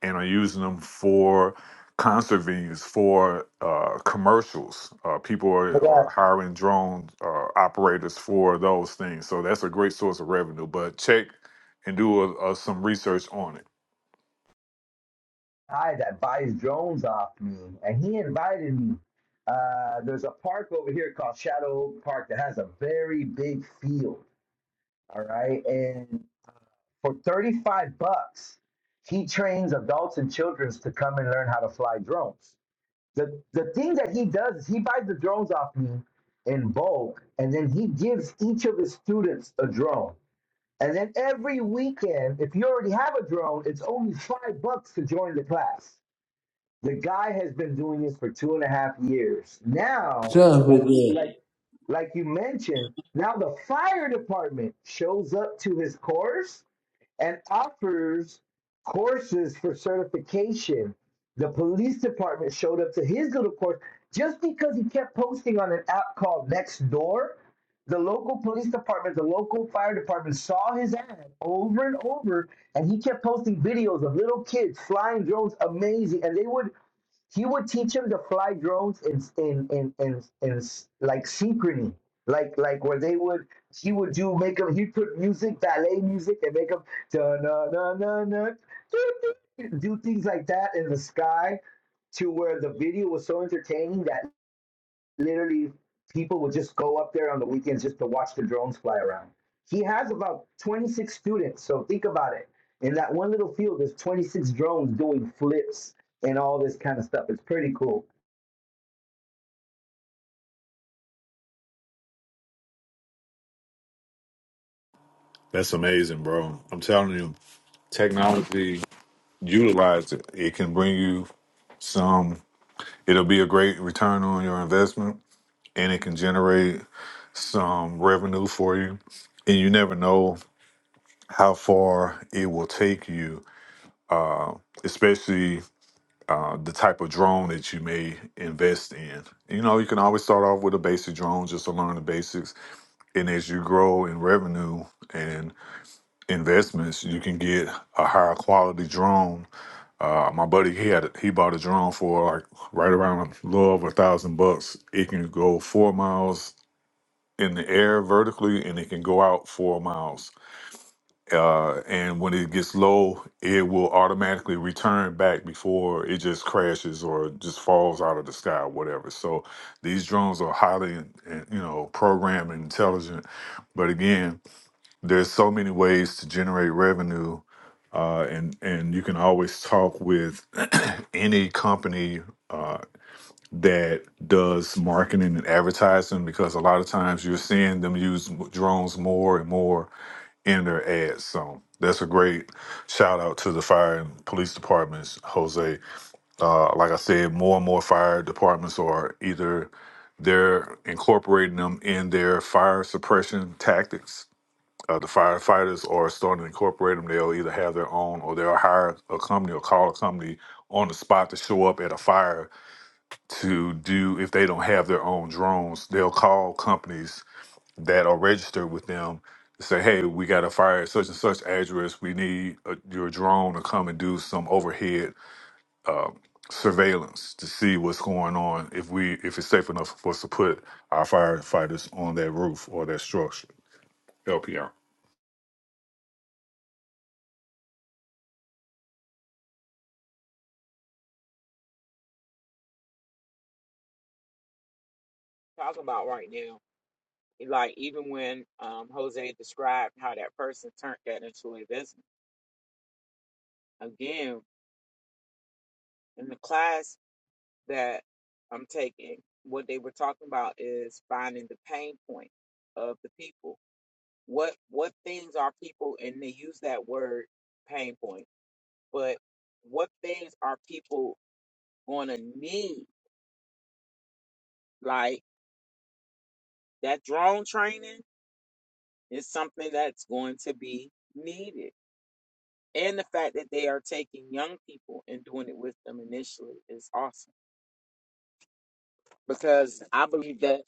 and are using them for concert venues, for uh, commercials. Uh, people I are, got a are hiring drone uh, operators for those things. So that's a great source of revenue. But check and do a, a, some research on it. guy that buys drones off me, and he invited me. Uh, there's a park over here called Shadow Oak Park that has a very big field. All right, and for thirty five bucks, he trains adults and children to come and learn how to fly drones. The the thing that he does is he buys the drones off me in bulk, and then he gives each of his students a drone. And then every weekend, if you already have a drone, it's only five bucks to join the class. The guy has been doing this for two and a half years. Now, Stop like with that. like like you mentioned, now the fire department shows up to his course and offers courses for certification. The police department showed up to his little course just because he kept posting on an app called Nextdoor. The local police department, the local fire department saw his ad over and over, and he kept posting videos of little kids flying drones, amazing. And they would he would teach him to fly drones in in in in, in like synchrony, like like where they would he would do make him he put music ballet music and make him da na na na na do things like that in the sky to where the video was so entertaining that literally people would just go up there on the weekends just to watch the drones fly around. He has about 26 students, so think about it. In that one little field, there's 26 drones doing flips and all this kind of stuff. It's pretty cool. That's amazing, bro. I'm telling you, technology utilize it. It can bring you some it'll be a great return on your investment and it can generate some revenue for you and you never know how far it will take you uh, especially uh, the type of drone that you may invest in you know you can always start off with a basic drone just to learn the basics and as you grow in revenue and investments you can get a higher quality drone Uh, my buddy, he had he bought a drone for like right around a little over a thousand bucks. It can go four miles in the air vertically, and it can go out four miles. Uh, and when it gets low, it will automatically return back before it just crashes or just falls out of the sky, or whatever. So these drones are highly, you know, programmed and intelligent. But again there's so many ways to generate revenue uh, and and you can always talk with any company uh, that does marketing and advertising because a lot of times you're seeing them use m- drones more and more in their ads so that's a great shout out to the fire and police departments jose uh, like i said more and more fire departments are either they're incorporating them in their fire suppression tactics uh, the firefighters are starting to incorporate them. They'll either have their own or they'll hire a company or call a company on the spot to show up at a fire to do, if they don't have their own drones, they'll call companies that are registered with them to say, hey, we got a fire at such and such address. We need uh your drone to come and do some overhead surveillance to see what's going on if we if it's safe enough for us to put our firefighters on that roof or that structure. LPR. Talk about right now, like even when um, Jose described how that person turned that into a business. Again, in the class that I'm taking, what they were talking about is finding the pain point of the people what what things are people and they use that word pain point but what things are people going to need like that drone training is something that's going to be needed and the fact that they are taking young people and doing it with them initially is awesome because i believe that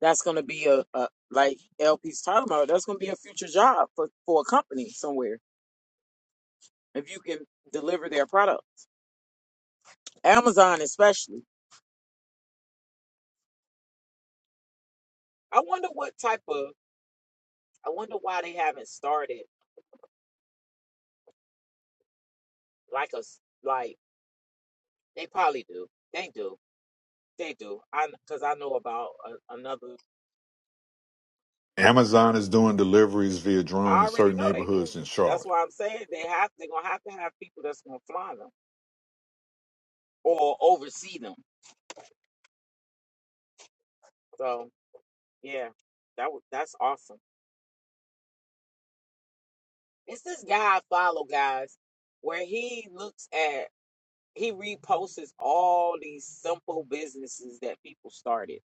that's going to be a, a like lp's talking about that's going to be a future job for, for a company somewhere if you can deliver their product amazon especially I wonder what type of. I wonder why they haven't started like a s- like they probably do. They do. They do. I because I know about a, another. Amazon is doing deliveries via drone I in already certain know they neighborhoods doing in it. That's Charlotte. why I'm saying they have. They're gonna have to have people that's gonna fly them or oversee them. So yeah, that was that's awesome. It's this guy I follow, guys, where he looks at he reposts all these simple businesses that people started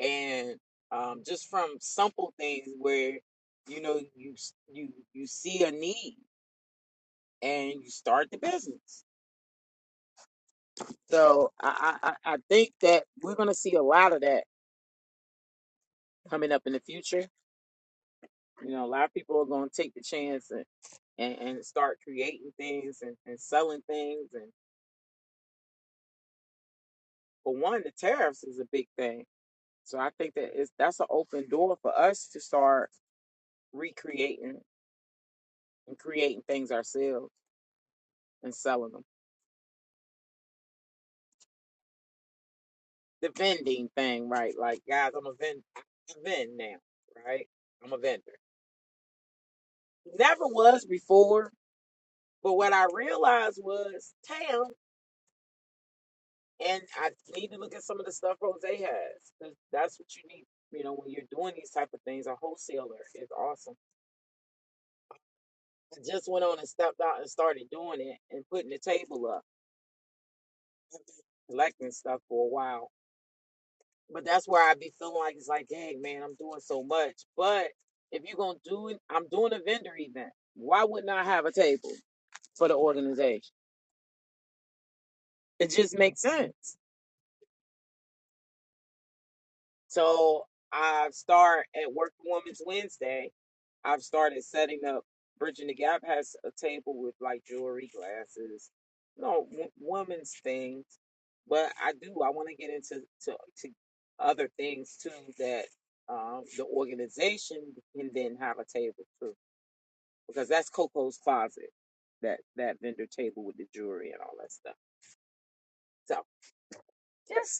and um, just from simple things where you know you you you see a need and you start the business. So I I, I I think that we're gonna see a lot of that coming up in the future. You know, a lot of people are gonna take the chance and and, and start creating things and, and selling things. And for one, the tariffs is a big thing. So I think that it's, that's an open door for us to start recreating and creating things ourselves and selling them. the vending thing, right? Like, guys, I'm a vend, I vend now, right? I'm a vendor. Never was before, but what I realized was Tam, and I need to look at some of the stuff Rose has, because That's what you need, you know, when you're doing these type of things. A wholesaler is awesome. I just went on and stepped out and started doing it and putting the table up, collecting stuff for a while But that's where I be feeling like it's like, dang man, I'm doing so much. But if you're gonna do it, I'm doing a vendor event. Why wouldn't I have a table for the organization? It just makes sense. So I start at Work Women's Wednesday. I've started setting up. Bridging the Gap has a table with like jewelry, glasses, you know, w- women's things. But I do. I want to get into to, to other things too that um, the organization can then have a table too, because that's Coco's Closet, that that vendor table with the jewelry and all that stuff. So just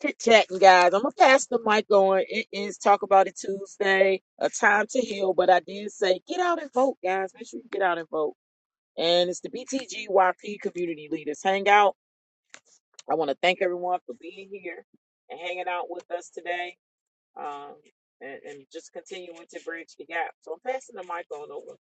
chit chatting, guys. I'm gonna pass the mic on. It is Talk About It Tuesday, a time to heal. But I did say get out and vote, guys. Make sure you get out and vote. And it's the BTGYP Community Leaders Hangout. I want to thank everyone for being here and hanging out with us today, um, and, and just continuing to bridge the gap. So I'm passing the mic on over.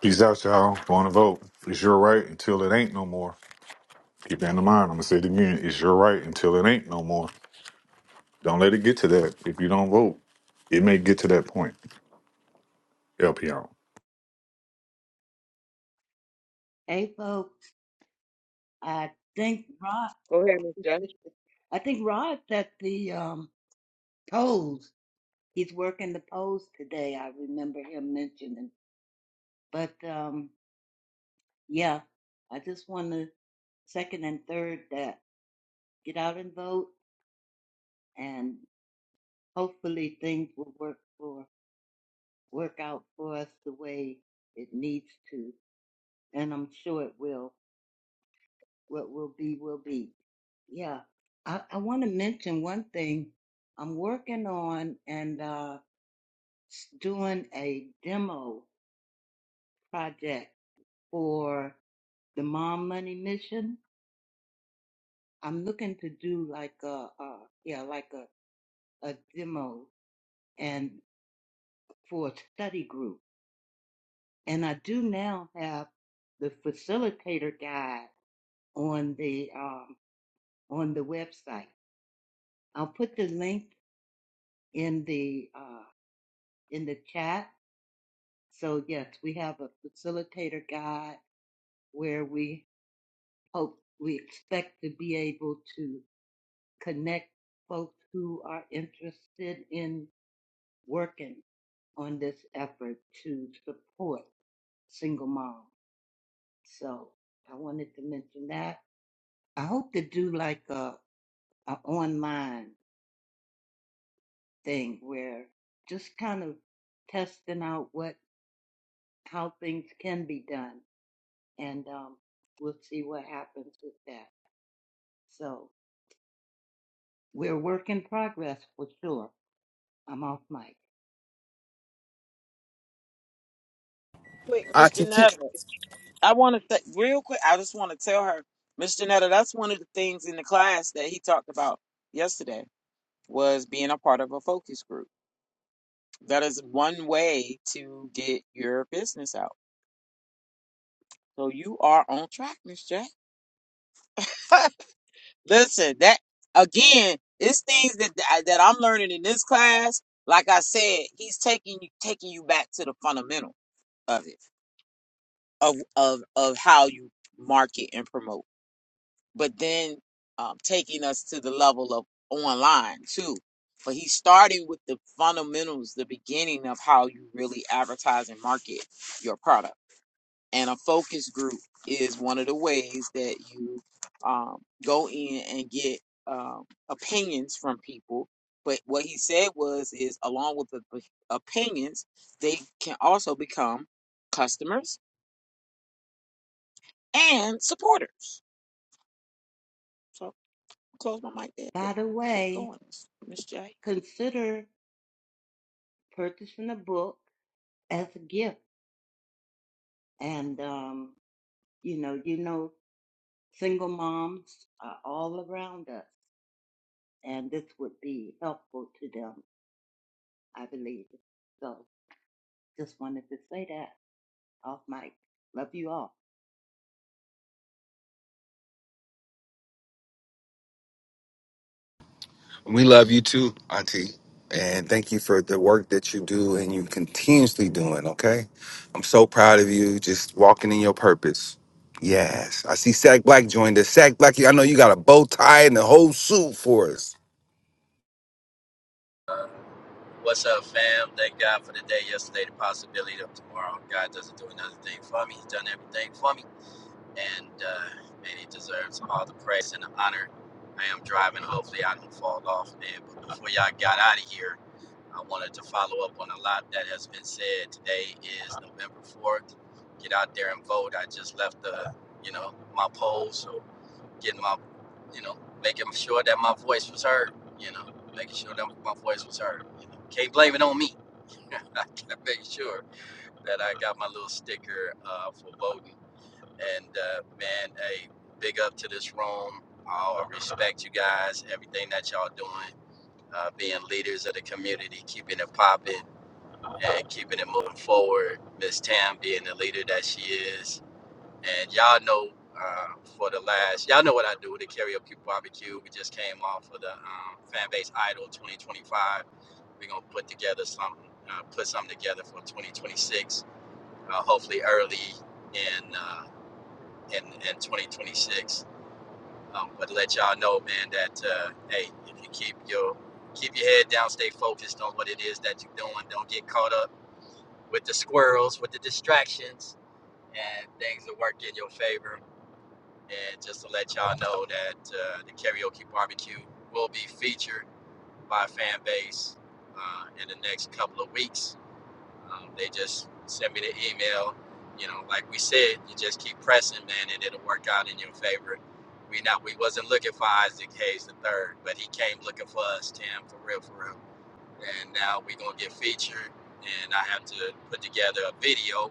Peace out, y'all. Going to vote. It's your right until it ain't no more. Keep that in mind. I'm going to say it again. It's your right until it ain't no more. Don't let it get to that. If you don't vote, it may get to that point. LPR. Hey, folks, I think Rod, Go ahead, Miss J. I think Rod's at the um, polls. He's working the polls today. I remember him mentioning. But um, yeah, I just want to second and third that get out and vote, and hopefully things will work for work out for us the way it needs to, and I'm sure it will. What will be will be. Yeah, I, I want to mention one thing. I'm working on and uh, s- doing a demo project for the Mom Money Mission. I'm looking to do like a, uh, yeah, like a, a demo and for a study group. And I do now have the facilitator guide on the, um, on the website. I'll put the link in the, uh, in the chat. So yes, we have a facilitator guide where we hope, we expect to be able to connect folks who are interested in working on this effort to support single moms. So I wanted to mention that. I hope to do like a, a online thing where just kind of testing out what how things can be done, and um, we'll see what happens with that. So we're work in progress for sure. I'm off mic. Quick, I Miss can teach Janetta. I want to th- real quick. I just want to tell her, Miss Janetta, that's one of the things in the class that he talked about yesterday was being a part of a focus group. That is one way to get your business out. So you are on track, Miss J. Listen, that again, it's things that that I'm learning in this class. Like I said, he's taking you taking you back to the fundamental of it of of of how you market and promote. but then um, taking us to the level of online too. But he's starting with the fundamentals, the beginning of how you really advertise and market your product. And a focus group is one of the ways that you um, go in and get um, opinions from people. But what he said was, is along with the p- opinions, they can also become customers and supporters. So. Close my mic there. Good, By the good way, going, Miss J. consider purchasing a book as a gift. And, um, you know, you know, single moms are all around us, and this would be helpful to them, I believe. So just wanted to say that off mic. Love you all. We love you too, Auntie. And thank you for the work that you do and you continuously doing, okay? I'm so proud of you, just walking in your purpose. Yes. I see Sack Black joined us. Sack Black, I know you got a bow tie and the whole suit for us. What's up, fam? Thank God for the day yesterday, the possibility of tomorrow. God doesn't do another thing for me. He's done everything for me. And, uh, man, he deserves all the praise and the honor. I am driving. Hopefully, I don't fall off, man. But before y'all got out of here, I wanted to follow up on a lot that has been said. Today is November 4th. Get out there and vote. I just left the, you know, my poll. So getting my, you know, making sure that my voice was heard, you know, making sure that my voice was heard. You know, can't blame it on me I gotta make sure that I got my little sticker uh, for voting. And uh, man, hey, big up to this room. I respect you guys, everything that y'all doing, uh, being leaders of the community, keeping it popping and keeping it moving forward. Miss Tam being the leader that she is, and y'all know uh, for the last, y'all know what I do, the karaoke barbecue. We just came off of the um, fan base idol 2025. We're gonna put together something, uh, put something together for 2026. Uh, hopefully early in uh, in in 2026. Um, but to let y'all know, man, that uh, hey, if you keep your keep your head down, stay focused on what it is that you're doing. Don't get caught up with the squirrels, with the distractions, and things will work in your favor And just to let y'all know that uh, the karaoke barbecue will be featured by fan base uh, in the next couple of weeks. Um, they just sent me the email. You know, like we said, you just keep pressing, man, and it'll work out in your favor. We not we wasn't looking for Isaac Hayes the third, but he came looking for us, Tim, for real, for real. And now we gonna get featured, and I have to put together a video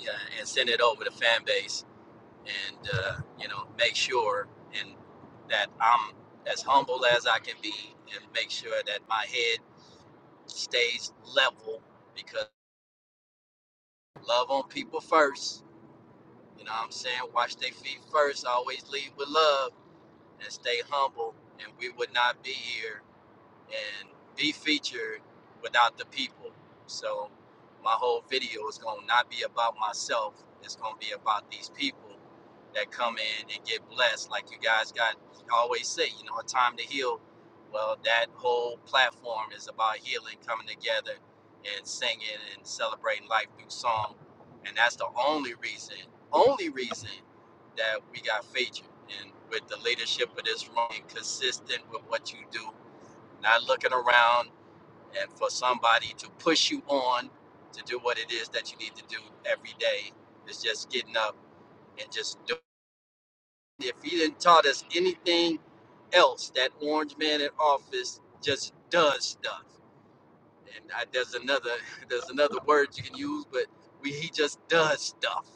yeah, and send it over to fan base and uh, you know make sure and that I'm as humble as I can be and make sure that my head stays level because love on people first. You know what I'm saying? Wash their feet first, always lead with love and stay humble and we would not be here and be featured without the people. So my whole video is going to not be about myself. It's going to be about these people that come in and get blessed. Like you guys got always say, you know, a time to heal. Well, that whole platform is about healing, coming together and singing and celebrating life through song. And that's the only reason, only reason that we got featured. And with the leadership of this room, consistent with what you do not looking around, and for somebody to push you on to do what it is that you need to do every day is just getting up and just doing. it. If he didn't taught us anything else, that orange man in office just does stuff. And I, there's another there's another word you can use, but we, he just does stuff.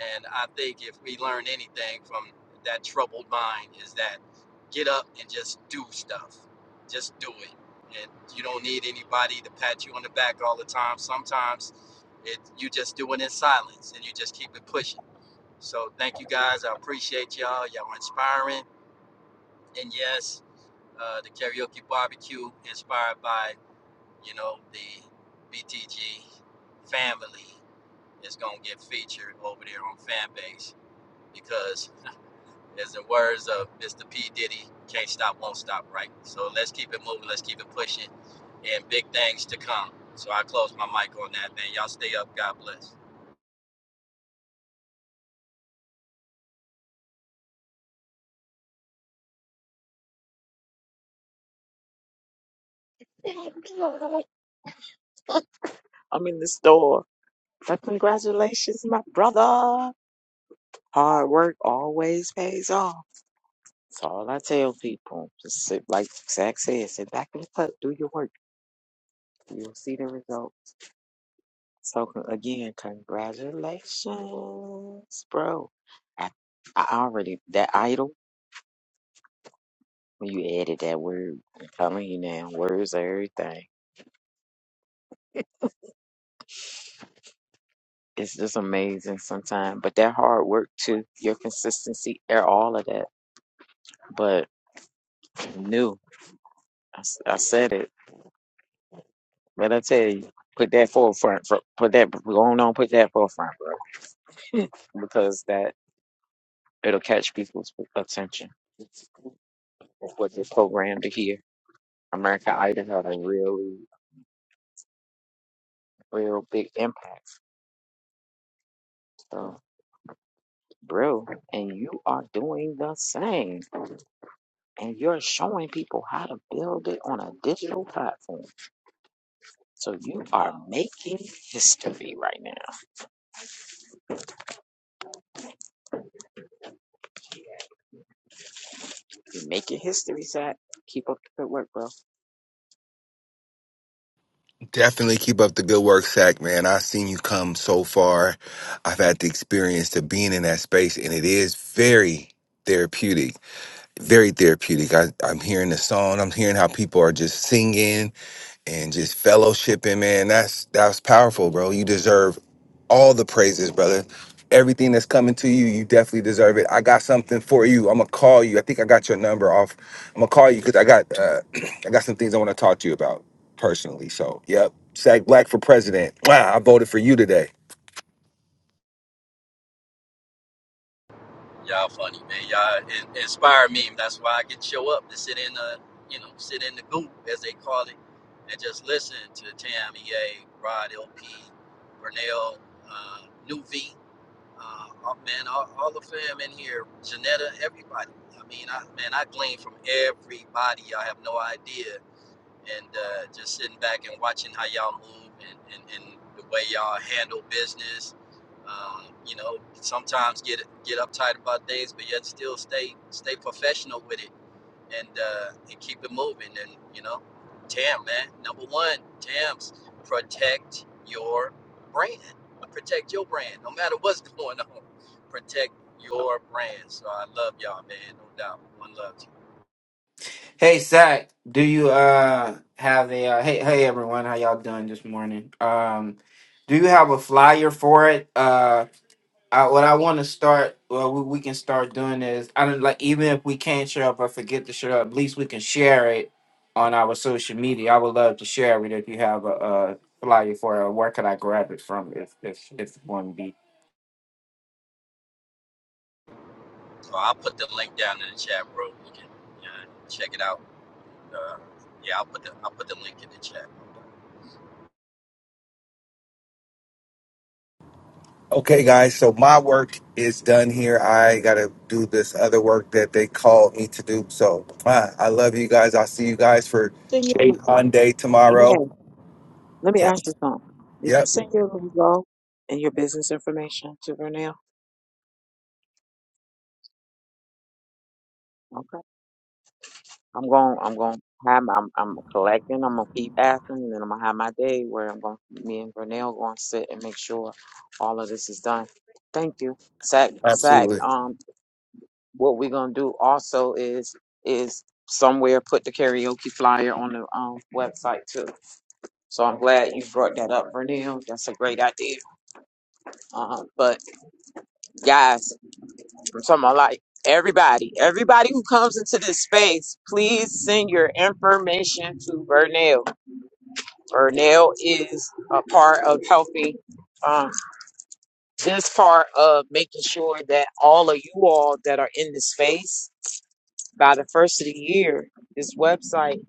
And I think if we learn anything from that troubled mind is that get up and just do stuff. Just do it. And you don't need anybody to pat you on the back all the time. Sometimes it you just do it in silence and you just keep it pushing. So thank you guys. I appreciate y'all. Y'all are inspiring. And yes, uh, the karaoke barbecue inspired by, you know, the BTG family is gonna get featured over there on Fanbase because As the words of Mr. P. Diddy, can't stop, won't stop, right? So let's keep it moving, let's keep it pushing, and big things to come. So I close my mic on that, man. Y'all stay up. God bless. I'm in the store. But congratulations, my brother. Hard work always pays off. That's all I tell people. Just sit, like Zach said, sit back and cut, do your work. You'll see the result. So con- again, congratulations, bro. I, I already that idol when you added that word. I'm telling you now, words are everything. it's just amazing sometimes. But that hard work too, your consistency, and all of that. But new, I, s- I said it. But I tell you, put that forefront. fro- Put that going on. Put that forefront, bro, because that it'll catch people's attention. It's what they're programmed to hear. America Idol had a really, real big impact. So, bro, and you are doing the same, and you're showing people how to build it on a digital platform. So you are making history right now. You're making history, Zach. Keep up the good work, bro. Definitely keep up the good work, Sack, man. I've seen you come so far. I've had the experience to being in that space, and it is very therapeutic. Very therapeutic. I, I'm hearing the song, I'm hearing how people are just singing and just fellowshipping, man. That's that's powerful, bro. You deserve all the praises, brother. Everything that's coming to you, you definitely deserve it. I got something for you. I'm gonna call you. I think I got your number off. I'm gonna call you because I got uh, I got some things I want to talk to you about personally. So, yep. Sag Black for president. Wow, I voted for you today. Y'all funny, man. Y'all in- inspire me. That's why I can show up to sit in the, you know, sit in the goop, as they call it, and just listen to Tam, EA, Rod, LP, Vernell, uh, New V. Uh, oh, man, all, all the fam in here, Janetta, everybody. I mean, I man, I glean from everybody. Y'all have no idea. And uh, just sitting back and watching how y'all move and, and, and the way y'all handle business. Um, you know, sometimes get get uptight about things, but yet still stay stay professional with it and uh, and keep it moving. And you know, Tam, man, number one, Tams, protect your brand. Protect your brand, no matter what's going on. Protect your brand. So I love y'all, man, no doubt. One love to you. Hey Zach, do you uh have a uh, hey hey everyone, how y'all doing this morning? Um, do you have a flyer for it? Uh, I, what I want to start, well, we, we can start doing is I don't like even if we can't share. up or forget to share, up, at least we can share it on our social media. I would love to share it if you have a, uh flyer for it. Or where could I grab it from if if if one be? So I'll put the link down in the chat, bro. You can uh, check it out. Uh, yeah, I'll put the I'll put the link in the chat. Okay, guys. So my work is done here. I gotta do this other work that they called me to do. So, wow, I love you guys. I'll see you guys for Then Shade you, on day yeah. tomorrow. Let me ask you Yes. something. Did you Yep. send your logo and your business information to Vernell? Okay. I'm going. I'm going. to Have my, I'm, I'm collecting. I'm gonna keep asking, and then I'm gonna have my day where I'm going. to Me and Vernell going to sit and make sure all of this is done. Thank you, Zach. Zach. Absolutely. Um, what we're gonna do also is is somewhere put the karaoke flyer on the um, website too. So I'm glad you brought that up, Vernell. That's a great idea. Um, but guys, I'm talking about like everybody, everybody who comes into this space, please send your information to Vernell. Vernell is a part of helping um, this part of making sure that all of you all that are in the space by the first of the year, this website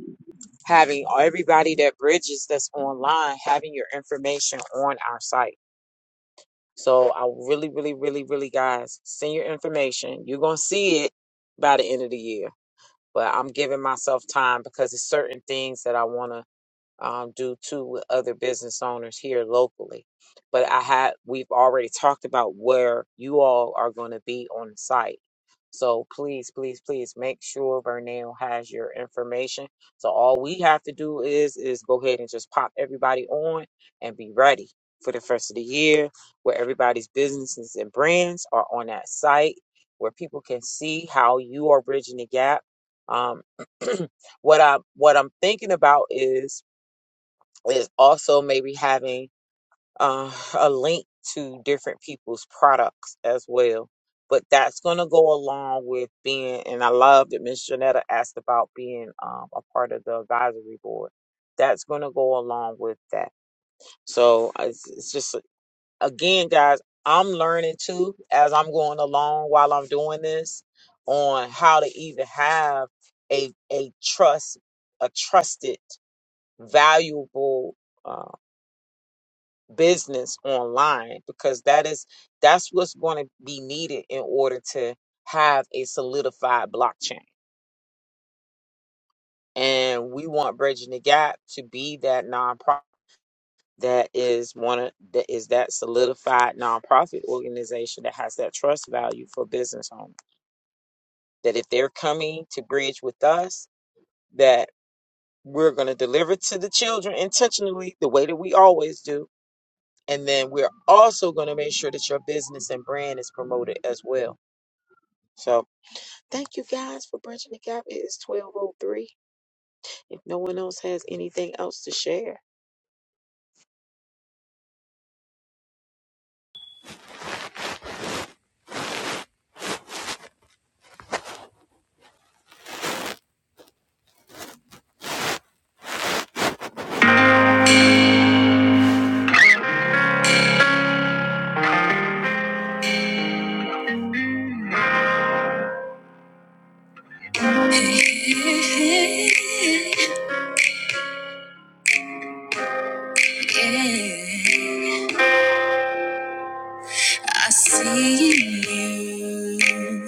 having everybody that bridges that's online having your information on our site. So I really, really, really, really, guys, send your information. You're gonna see it by the end of the year, but I'm giving myself time because it's certain things that I want to um, due to other business owners here locally. But I had we've already talked about where you all are going to be on the site. So please, please, please make sure Vernell has your information. So all we have to do is is go ahead and just pop everybody on and be ready for the first of the year where everybody's businesses and brands are on that site where people can see how you are bridging the gap. Um, what I what I'm thinking about is is also maybe having uh, a link to different people's products as well. But that's going to go along with being, and I love that Miss Janetta asked about being um, a part of the advisory board. That's going to go along with that. So it's, it's just, again, guys, I'm learning too as I'm going along while I'm doing this on how to even have a, a trust, a trusted, valuable uh, business online because that is that's what's going to be needed in order to have a solidified blockchain. And we want Bridging the Gap to be that nonprofit that is one of that is that solidified nonprofit organization that has that trust value for business owners. That if they're coming to bridge with us, that we're going to deliver to the children intentionally the way that we always do. And then we're also going to make sure that your business and brand is promoted as well So thank you guys for bridging the gap. It is 1203. If no one else has anything else to share. I see you.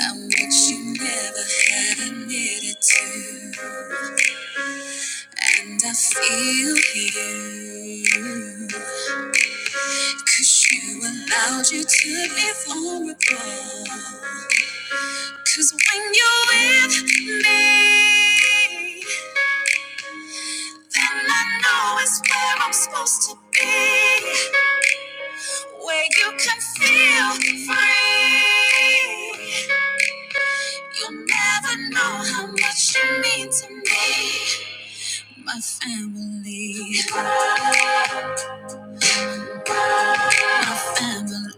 I'm what you never had admitted to, and I feel you, 'cause you allowed you to be vulnerable. 'Cause when you're with me, then I know it's where I'm supposed to be, where you can feel free. You'll never know how much you mean to me, my family. family.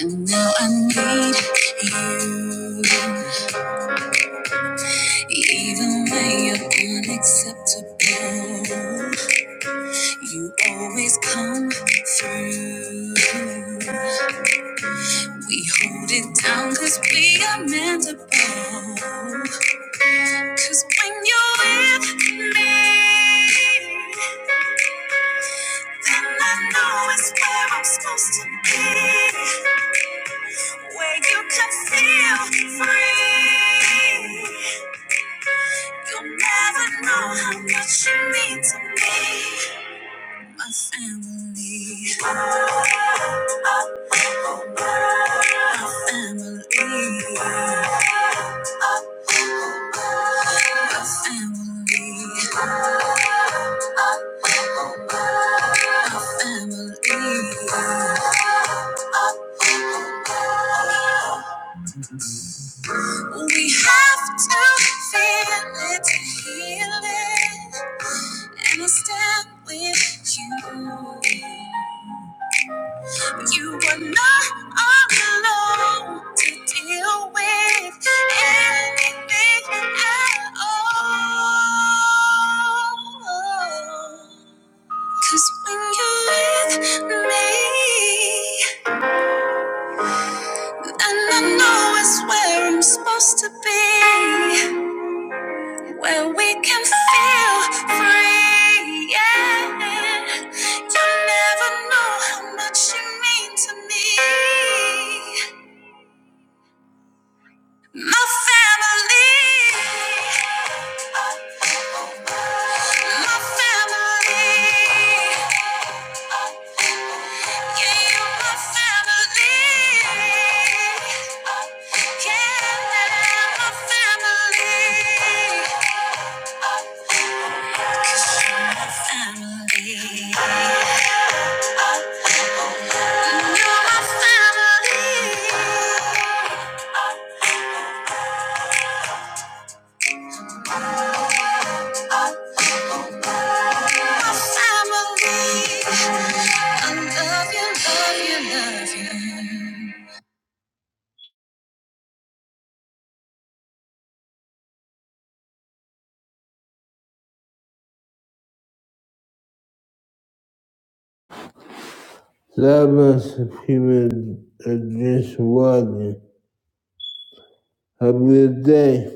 And now I need you. Even when you're unacceptable, you always come through. We hold it down 'cause we are meant to Because when you're with me, then I know it's where I'm supposed to be, where you can feel free. You'll never know how much you mean to me. My family, my family. We have to feel it to heal it. And I stand with you. You are not alone to deal with anything at all. Cause when you're with me, then I know it's where I'm supposed to be, where we can feel free. Yeah, you never know how much you mean to me. Family, yeah, you're my family. Yeah, my family. That must have been a- just one. Have a good day.